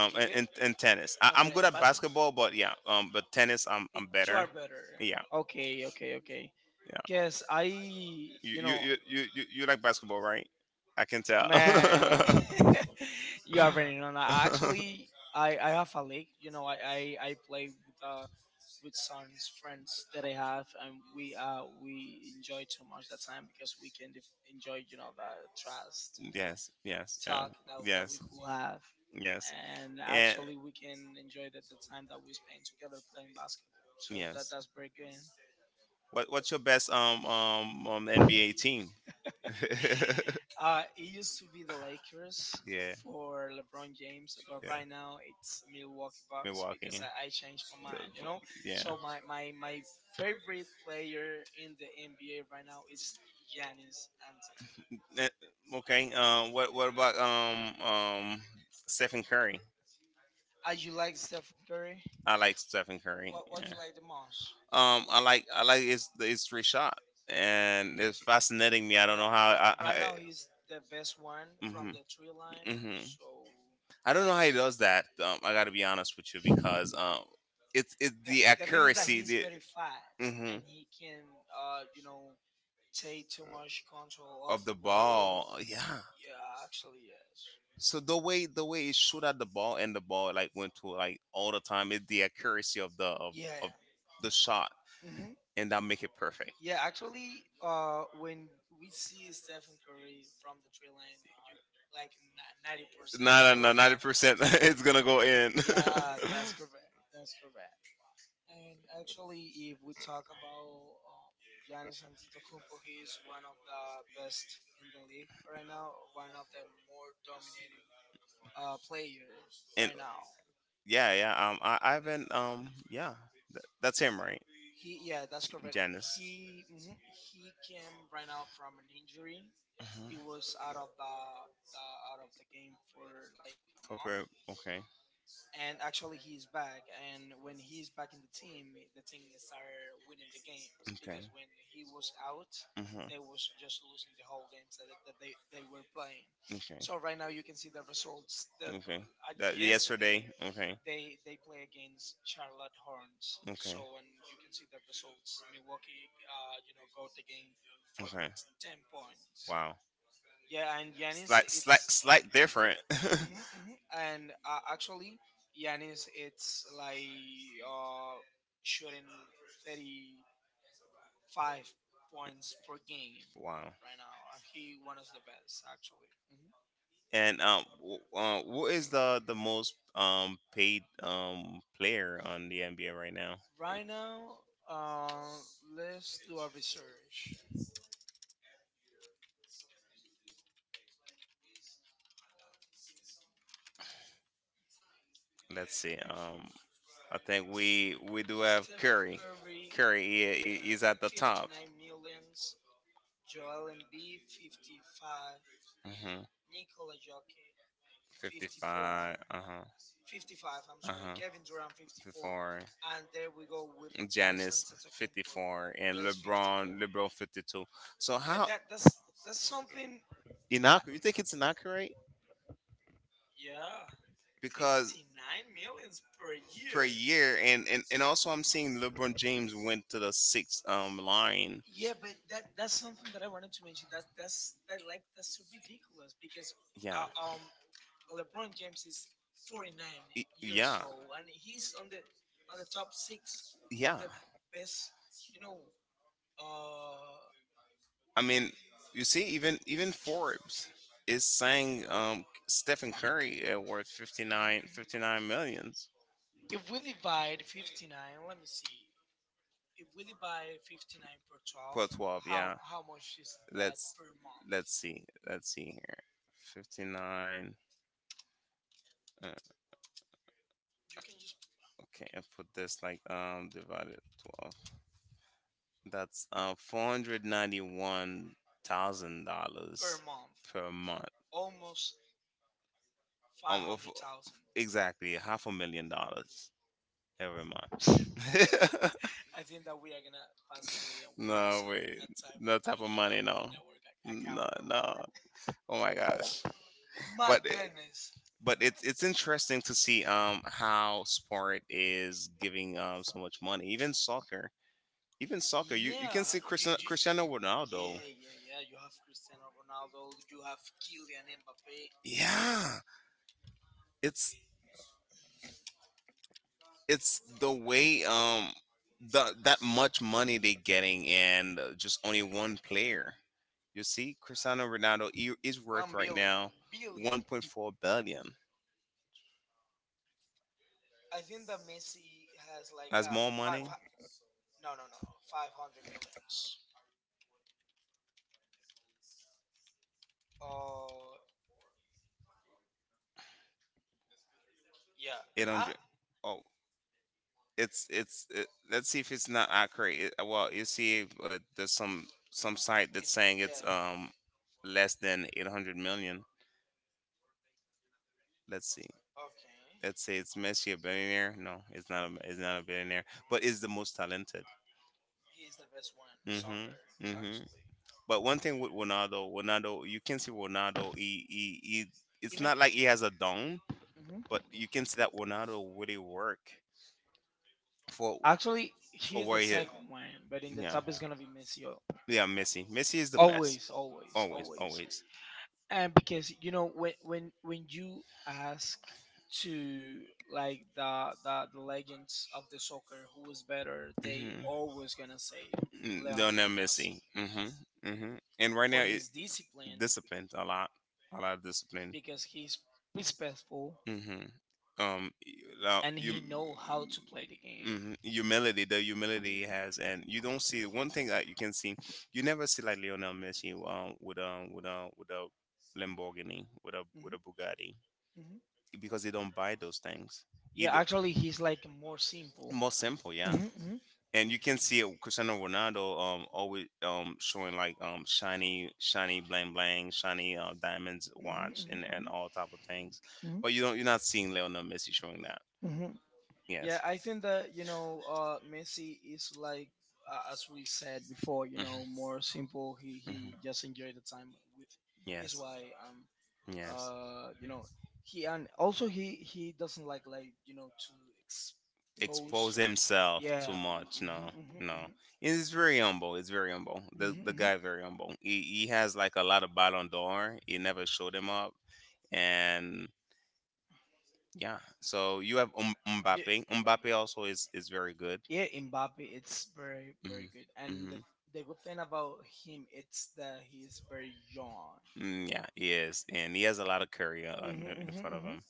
S1: are you good?
S2: and tennis. I,
S1: No,
S2: I'm
S1: but
S2: good
S1: in
S2: at basketball,
S1: basketball,
S2: but yeah, but tennis, I'm
S1: it,
S2: I'm
S1: you
S2: better.
S1: are better.
S2: Yeah,
S1: Okay, okay, okay.
S2: yeah.
S1: Guess I,
S2: You
S1: you
S2: you
S1: know,
S2: you you, you you like basketball, right? I can tell.
S1: man, (laughs) you already know. Now. (laughs) Actually, I have a league. You know, I play
S2: (laughs) (laughs)
S1: with some friends that I have, and we enjoy too much that time because we can def- enjoy you know the trust
S2: Yes, yes,
S1: talk that that we could have,
S2: yes.
S1: and actually we can enjoy the time that we spend together playing basketball. So that that's very good.
S2: What what's your best NBA team? (laughs)
S1: (laughs) It used to be the
S2: It
S1: Lakers for LeBron James, but right now it's Milwaukee Bucks because I changed my mind, you know? So my favorite player in the NBA right now is
S2: Antetokounmpo.
S1: Giannis Antetokounmpo.
S2: (laughs) Okay. What about Stephen Curry?
S1: You like Steph Curry?
S2: I like Stephen Curry.
S1: What
S2: Yeah.
S1: you like the most?
S2: I like it's it's shot, and it's fascinating me. I
S1: Yeah,
S2: don't know how I.
S1: ri-
S2: I
S1: right now he's the best one from
S2: Mhm.
S1: the three line,
S2: Mhm.
S1: so
S2: I don't know how he does that. I got to be honest with you
S1: yes.
S2: because it's
S1: Yeah,
S2: the
S1: the thing is that
S2: accuracy.
S1: he's very fast
S2: Hmm.
S1: and he can, you know, take too much control of
S2: Of
S1: the
S2: the
S1: ball.
S2: ball. Yeah,
S1: Yeah, actually, yes.
S2: so the way it shoot at the ball and the ball like went to like all the time is the accuracy of
S1: Yeah,
S2: of
S1: yeah.
S2: the shot,
S1: hmm
S2: and that make it perfect.
S1: Yeah, actually, when we see Stephen Curry from the three line, you like 90%
S2: No, no
S1: sure
S2: no, ninety
S1: that.
S2: percent. (laughs) It's gonna go in. (laughs)
S1: Yeah, that's correct. That's correct. And actually, if we talk about Giannis Antetokounmpo, he is one of the best in the league right now. One of the more dominating player right now.
S2: yeah, yeah. I haven't. Yeah, that's him, right?
S1: He, yeah, that's correct. He mhm, he came right now from an injury. He was out
S2: Uh-huh.
S1: of the out of the game for like a month,
S2: Okay.
S1: and actually he's back. And when he's back in the team started winning the games because when he was out,
S2: Uh,
S1: they was just losing the whole games that they were playing.
S2: okay.
S1: So right now you can see the results that
S2: Okay. Uh, yesterday.
S1: yesterday
S2: Okay.
S1: they play against Charlotte Horns. So and you can see the results. Milwaukee, you know, got the game for
S2: Okay.
S1: 10 points.
S2: Wow.
S1: Yeah, and Yanis, it's
S2: Different. (laughs)
S1: hmm hmm (laughs) And actually, Yanis, it's like uh, shooting 35 points per game
S2: Wow.
S1: right now. And he one of the best actually. Hmm
S2: And who is the most paid player on the NBA right now?
S1: Right now, uh, let's do a research.
S2: Let's see. I think we do have
S1: Steph
S2: Curry.
S1: Curry
S2: Curry, Curry yeah,
S1: with
S2: he- he's at the top.
S1: 59 millions, Joel Embiid 55,
S2: Mm-hmm.
S1: Nikola Jokic 54,
S2: 55. Uh huh.
S1: 55, I'm
S2: Uh
S1: sorry,
S2: huh.
S1: Kevin Durant 54,
S2: 54. And
S1: and there we go with Giannis
S2: Janice
S1: Antetokounmpo.
S2: 54, and
S1: That's
S2: LeBron
S1: 54.
S2: LeBron 52. So
S1: But
S2: how?
S1: that's that's something.
S2: Inaccurate. You think it's inaccurate
S1: Yeah,
S2: because
S1: 59 millions per
S2: per
S1: year.
S2: year. And also I'm seeing LeBron James went to the sixth line.
S1: Yeah, but that that's something that I wanted to mention. That that's that like that's so ridiculous because
S2: Yeah.
S1: uh, um LeBron James is 49
S2: Y-
S1: years
S2: Yeah.
S1: old and he's on the top six of
S2: Yeah.
S1: the best you know. Mhm.
S2: I mean, you see, even even Forbes is saying Stephen Curry worth fifty nine millions.
S1: If we divide 59, let me see. If we divide 59 per 12,
S2: Per 12, yeah.
S1: how much is that
S2: Let's-
S1: per month?
S2: Let's see. Let's see here. 59. Uh,
S1: You can just
S2: okay, I put this like divided 12. That's 491,000. Per
S1: per
S2: $491,000 month,
S1: month,
S2: per month.
S1: almost
S2: five Um, of-
S1: 500,000. (laughs)
S2: Exactly, half $1 million every month. (laughs) I think that,
S1: I think that we are gonna pass away and we will not
S2: no, wait.
S1: have
S2: No type of money,
S1: in
S2: no.
S1: our ac-
S2: No,
S1: account or
S2: no.
S1: wallet.
S2: Oh my gosh. My
S1: My
S2: but
S1: goodness.
S2: goodness. But it's interesting to see how sport is giving so much money. Even soccer, you, you. Yeah.
S1: Yeah.
S2: Can see
S1: You,
S2: Cristiano, Cristiano Ronaldo. Yeah, yeah, yeah. You
S1: yeah, yeah, yeah. You have
S2: have Cristiano
S1: Cristiano
S2: Ronaldo.
S1: Ronaldo. You have Kylian Mbappe.
S2: You have Kylian Mbappe. Yeah, it's it's the way the that much money they getting, and just only one player. You see, Cristiano
S1: Uh,
S2: Ronaldo is worth
S1: One
S2: one right billion.
S1: billion.
S2: Now 1.4 billion.
S1: I think that Messi has like
S2: Has
S1: a
S2: more
S1: five.
S2: money? Five.
S1: Hu- no, no, no, no. 500 millions. Uh, yeah.
S2: It don't.
S1: I,
S2: Dr- Oh, let's see if it's not accurate. Well, you see, there's some site
S1: mhm.
S2: that's
S1: It's-
S2: saying
S1: yeah.
S2: it's yeah, less than 800 million. Let's see.
S1: Okay.
S2: Let's say it's Messi a billionaire. No, it's not. It's not a billionaire, but is the most talented.
S1: He's the best one in
S2: Mhm.
S1: soccer,
S2: Mhm.
S1: actually.
S2: But one thing with Ronaldo, Ronaldo, you can see Ronaldo. He he. It's
S1: Even
S2: not like he has a
S1: dome.
S2: dome. But
S1: Mhm.
S2: you can see that Ronaldo really work for. Actually,
S1: Actually,
S2: for he's
S1: he's
S2: where
S1: the
S2: the he second
S1: second
S2: one,
S1: one,
S2: but
S1: but in
S2: the
S1: the
S2: yeah top
S1: top is
S2: is
S1: gonna be Messi. Al-
S2: gonna be Messi. Yeah. Messi is the best
S1: always.
S2: always, always, always, always.
S1: And because you know when when you ask to like the legends of the soccer who was better, they
S2: Mhm.
S1: always gonna say
S2: Mm, they'll
S1: Lionel
S2: never missy. Mm-hmm. Hmm. And right now,
S1: for
S2: it
S1: his
S2: disciplined a lot of discipline.
S1: because he's respectful.
S2: Mm-hmm. Um, now,
S1: And
S2: you,
S1: he know how to play the
S2: hmm.
S1: game.
S2: Humility, the humility he has, and you don't see one thing that you can see. You never see like Lionel Messi with a with a Lamborghini, with a
S1: Mhm,
S2: Bugatti,
S1: mhm.
S2: because they don't buy those things.
S1: Yeah,
S2: Either
S1: actually, he's like more simple.
S2: more simple, yeah,
S1: Mhm, mhm.
S2: and you can see it. Cristiano Ronaldo always showing like shiny shiny bling bling shiny diamonds
S1: Mhm,
S2: watch and
S1: mhm,
S2: all type of things,
S1: mhm.
S2: but you don't you're not seeing Lionel Messi showing that.
S1: Mhm, mhm.
S2: Yes.
S1: Yeah, I think that you know Messi is like as we said before, you
S2: Mhm.
S1: know, more simple.
S2: Mhm.
S1: He just enjoyed the time with
S2: Yes.
S1: his wife.
S2: Yes.
S1: You know, he and also he doesn't like you know to expose.
S2: Expose himself too
S1: Yeah.
S2: much.
S1: hmm
S2: No, no.
S1: hmm
S2: It's very humble. It's very humble.
S1: hmm
S2: The
S1: hmm hmm
S2: guy very humble. He has like a lot of Ballon d'Or. He never showed him up, and yeah. So you have
S1: Yeah,
S2: Mbappe. Mbappe also is very good.
S1: yeah, Mbappe, it's very, very good.
S2: Mm-hmm.
S1: And
S2: Mm-hmm.
S1: the good thing about him, it's that he's very young.
S2: Mm, yeah, he is, and he has a lot of career
S1: Hmm
S2: in
S1: hmm
S2: front of
S1: hmm
S2: him.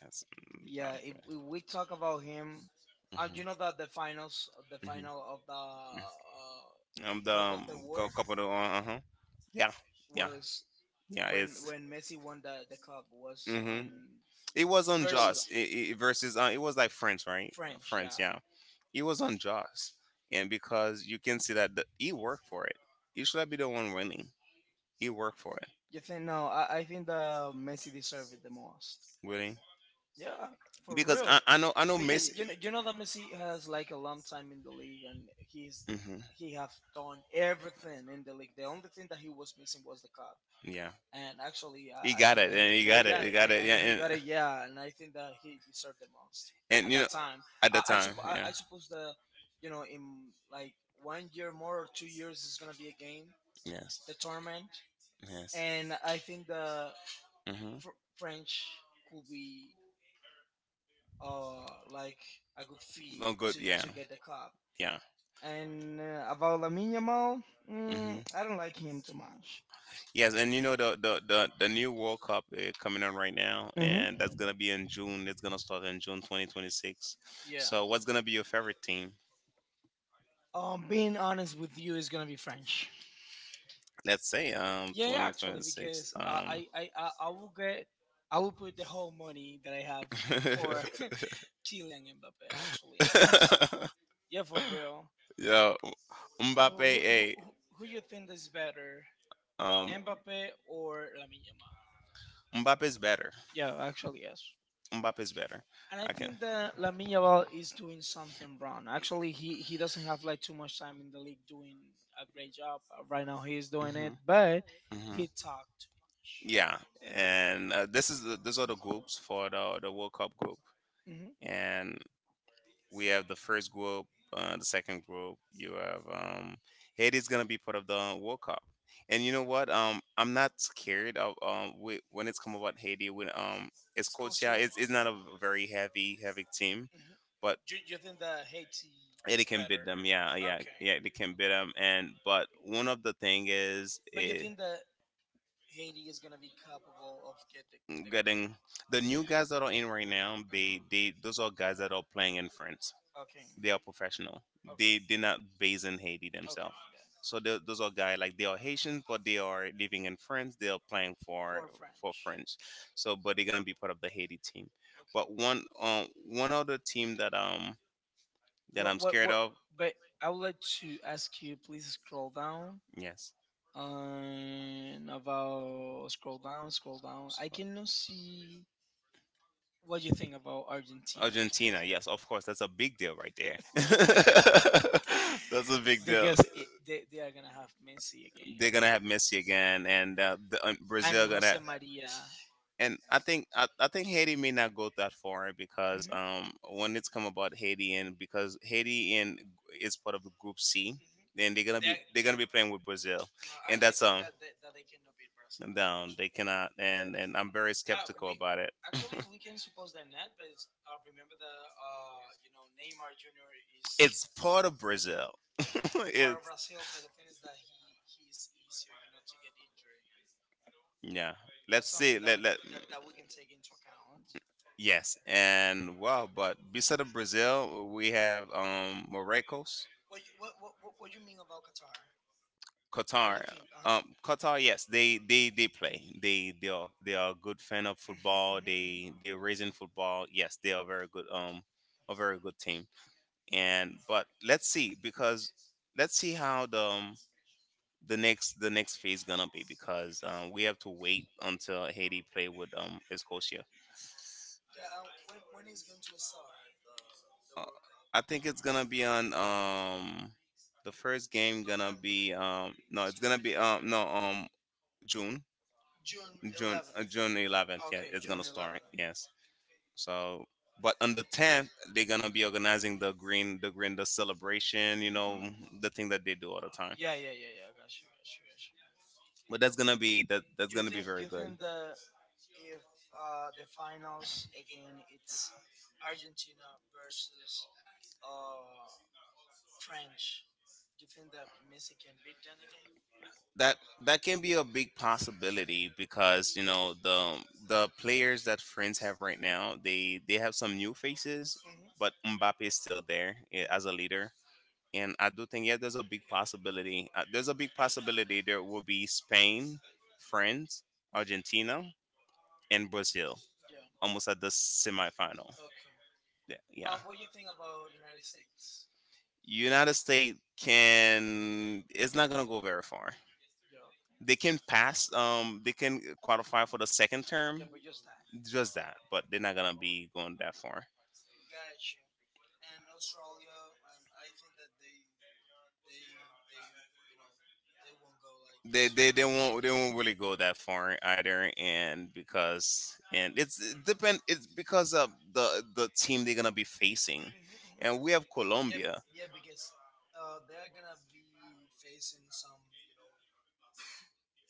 S2: That's mm,
S1: Yeah,
S2: Mbappe.
S1: if we talk
S2: Mbappe.
S1: about him, and you know that the
S2: Mhm,
S1: finals, the
S2: mhm,
S1: final of
S2: mhm. The
S1: the
S2: of
S1: Cup of the World
S2: couple of uh huh. Yeah, yeah,
S1: was
S2: yeah.
S1: yeah, when
S2: It's,
S1: Messi won the cup was
S2: hmm,
S1: on
S2: it was
S1: versus
S2: unjust. It versus it was like France, right?
S1: French. France, yeah.
S2: France, yeah, yeah. It was unjust, and because you can see that he worked for it. He should not be the one winning. He worked for it,
S1: You think no? I think the Messi deserved it the most.
S2: really.
S1: Yeah, for
S2: Because
S1: real.
S2: I know I know
S1: Because
S2: Messi.
S1: you know that Messi has like a long time in the league, and he's
S2: Hmm.
S1: he have done everything in the league. The only thing that he was missing was the cup.
S2: Yeah,
S1: And actually, He
S2: he
S1: I, I
S2: got
S1: think
S2: it,
S1: that
S2: and he got it, he got it. Yeah,
S1: he got a, yeah, and I think that he deserved the most
S2: and
S1: at
S2: you know
S1: that, yeah, time.
S2: at the
S1: At I,
S2: time,
S1: suppo-
S2: yeah,
S1: I suppose that you know in like one year more or two years is gonna be a game,
S2: yes, yes.
S1: the tournament, and I think the
S2: Hmm.
S1: French could be, or like a good fee
S2: No
S1: no good —
S2: good,
S1: to, yeah,
S2: yeah,
S1: to get the cup.
S2: yeah.
S1: And about Lamine Yamal,
S2: Hmm.
S1: I don't like him too much.
S2: Yes, and you know the new World Cup coming on right now,
S1: Hmm. Yeah.
S2: and that's gonna be in June. It's gonna start in June 2026.
S1: Yeah. So
S2: So, what's gonna be your favorite team?
S1: Being honest with you, is gonna be French.
S2: Let's say
S1: Yeah, yeah, actually,
S2: 2026.
S1: because uh,
S2: (laughs)
S1: I, I, I, I will get, I will put the whole money that I have for (laughs) Kylian Mbappe. Actually, yes,
S2: Actually.
S1: yeah, for real.
S2: (laughs) yo,
S1: Uh, who,
S2: Mbappe,
S1: who,
S2: hey,
S1: who, who you think is better,
S2: um,
S1: Mbappe or Lamine Yamal?
S2: better.
S1: Yeah, actually, yes.
S2: Mbappe is better.
S1: And I
S2: I can.
S1: think that Lamine Yamal is doing something wrong. Actually, he doesn't have like too much time in the league doing a great job. Right now, he is doing it,
S2: Mhm,
S1: but
S2: mhm.
S1: he talked too much.
S2: Yeah, and this is the, these are the groups for the World Cup group,
S1: Mm-hmm. Hmm.
S2: and we have the first group, the second group. You have Haiti's gonna be part of the World Cup, and you know what? I'm not scared of when it's come about Haiti. When it's Coachella, it's not a very heavy team, but
S1: You think that Haiti is
S2: Haiti can beat
S1: better?
S2: them. Yeah, yeah,
S1: Okay.
S2: yeah. They can beat them. And but one of the thing is
S1: But you think that Haiti is gonna be capable of get the?
S2: getting the new guys that are in right now. They those are guys that are playing in France.
S1: Okay.
S2: They are professional. They're
S1: Okay.
S2: not based in Haiti
S1: Okay.
S2: themselves. So those are guys like they are Haitians, but they are
S1: Yeah.
S2: living in France. They are playing
S1: Or French.
S2: for French. So but they're gonna be part of the Haiti team. But
S1: Okay.
S2: one other team that that
S1: What
S2: I'm
S1: what
S2: scared
S1: what?
S2: of.
S1: But I would like to ask you, please scroll down.
S2: Yes.
S1: Um, about scroll down, scroll down. I cannot see what you think about Argentina.
S2: Argentina, yes, of course. That's a big deal right there. (laughs)
S1: (laughs) (laughs)
S2: that's a big deal.
S1: Because it, they are gonna have Messi again
S2: They're gonna have Messi again, and
S1: and
S2: Brazil
S1: Jose
S2: gonna.
S1: Maria.
S2: And I think I think Haiti may
S1: It.
S2: not go that far because
S1: Mhm.
S2: when it's come about Haiti and because Haiti and is
S1: Hmm.
S2: part of the group C, then
S1: They, are-
S2: they're gonna
S1: yeah,
S2: be
S1: be,
S2: playing with Brazil,
S1: no,
S2: and
S1: I
S2: that's
S1: think that they cannot beat Brazil. No,
S2: down they
S1: actually. They
S2: cannot,
S1: cannot,
S2: and and
S1: and
S2: I'm
S1: I'm
S2: very
S1: very skeptical, yeah,
S2: skeptical
S1: we about
S2: about
S1: it.
S2: it. (laughs)
S1: Actually we can suppose that net, but it's, remember that you know Neymar Jr. is
S2: It's part of Brazil. (laughs)
S1: part of Brazil, but
S2: it's
S1: the thing is that he's easier, you know, to get injured.
S2: yeah. Let's
S1: That's
S2: see.
S1: something that
S2: Let
S1: we can,
S2: let.
S1: that we can take into account.
S2: Yes, and wow, but besides Brazil, we have Morocco's,
S1: What you mean about Qatar? What
S2: Qatar.
S1: do you think? Uh huh.
S2: Qatar, yes, they play. They are a good fan of
S1: Hmm.
S2: football.
S1: Hmm. Hmm.
S2: They they're raising football. Yes, they are very good. A very good team. And but let's see because let's see how the next phase gonna be because we have to wait until Haiti play with Escocia.
S1: Yeah,
S2: When
S1: when
S2: is
S1: is
S2: going
S1: going to
S2: to
S1: start the
S2: start?
S1: the
S2: Uh,
S1: World Cup?
S2: I think it's gonna be on the first game gonna
S1: November,
S2: be it's gonna be no June
S1: June
S2: June June 11th.
S1: 11th.
S2: June 11th, yeah. Okay,
S1: Okay,
S2: it's June gonna
S1: June
S2: start 11th.
S1: 11th.
S2: Yes, so but on the 10th they're gonna be organizing the celebration, you
S1: Mhm,
S2: know,
S1: mhm, mhm.
S2: the thing that they do all the time,
S1: Yeah,
S2: yeah yeah
S1: yeah, yeah,
S2: yeah
S1: yeah.
S2: yeah.
S1: Got
S2: Gotcha,
S1: you, got you, got
S2: gotcha, gotcha. But that's gonna be that that's. You
S1: you.
S2: gonna be think very
S1: You
S2: good
S1: think the if the finals again it's Argentina versus uh French, you think that Messi can beat them again?
S2: that that can be a big possibility because you know the players that friends have right now they have some new faces,
S1: Hmm.
S2: but Mbappe is still there, as a leader, and I do think yeah there's a big possibility, there's a big possibility there will be Spain, France, Argentina, and Brazil
S1: Yeah.
S2: almost at the semifinal.
S1: Okay.
S2: Yeah, yeah.
S1: What do you think about United States?
S2: United States can, it's not gonna go very far.
S1: Yeah.
S2: They can pass. They can qualify for the second
S1: Yeah,
S2: term.
S1: but just that.
S2: Just that, but they're not gonna be going that far.
S1: Gotcha. And Australia, and I think that they won't go like.
S2: They won't they won't really go that far either, and because and it's it depend it's because of the team they're gonna be facing,
S1: Mhm, mhm.
S2: and we have yeah
S1: Yeah,
S2: Colombia,
S1: yeah, because they're gonna be facing some, you know,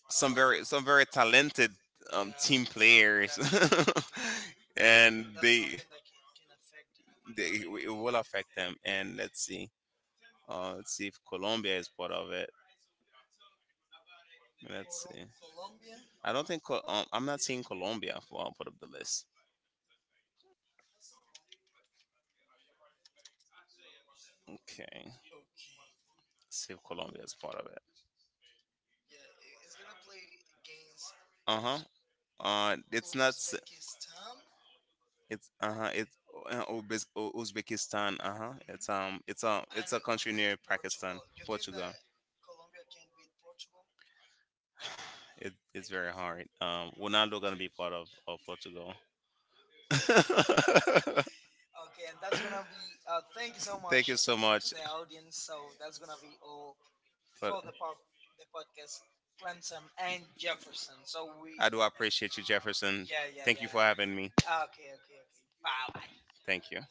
S1: uh,
S2: some very talented
S1: yeah,
S2: team players,
S1: that's
S2: (laughs) and
S1: and that's something that can affect them.
S2: they it will affect them. And let's see if Colombia is part of it. Let's see.
S1: Colombia.
S2: I don't think I'm not seeing Colombia for I'll put up the list. Okay,
S1: Okay.
S2: see if Colombia is part of it.
S1: Yeah, it's gonna play against Pakistan.
S2: Uh huh.
S1: Mhm. And
S2: It's not. S- It's uh huh. It's Uzbekistan. Uh huh. It's a country near Pakistan,
S1: Portugal. You think
S2: Portugal.
S1: that Colombia can beat Portugal? I think not.
S2: It,
S1: They.
S2: it's very hard. Ronaldo gonna be part of Portugal. (laughs) Thank
S1: Okay, and that's gonna be. Thank you so much
S2: you so (laughs)
S1: to
S2: much.
S1: the audience. So that's gonna be all
S2: But
S1: for the podcast, Clemson and Jefferson. So we,
S2: I do appreciate you, Jefferson.
S1: yeah, yeah,
S2: Thank
S1: yeah.
S2: you for having me.
S1: Okay, okay, okay. Bye, bye.
S2: Thank you.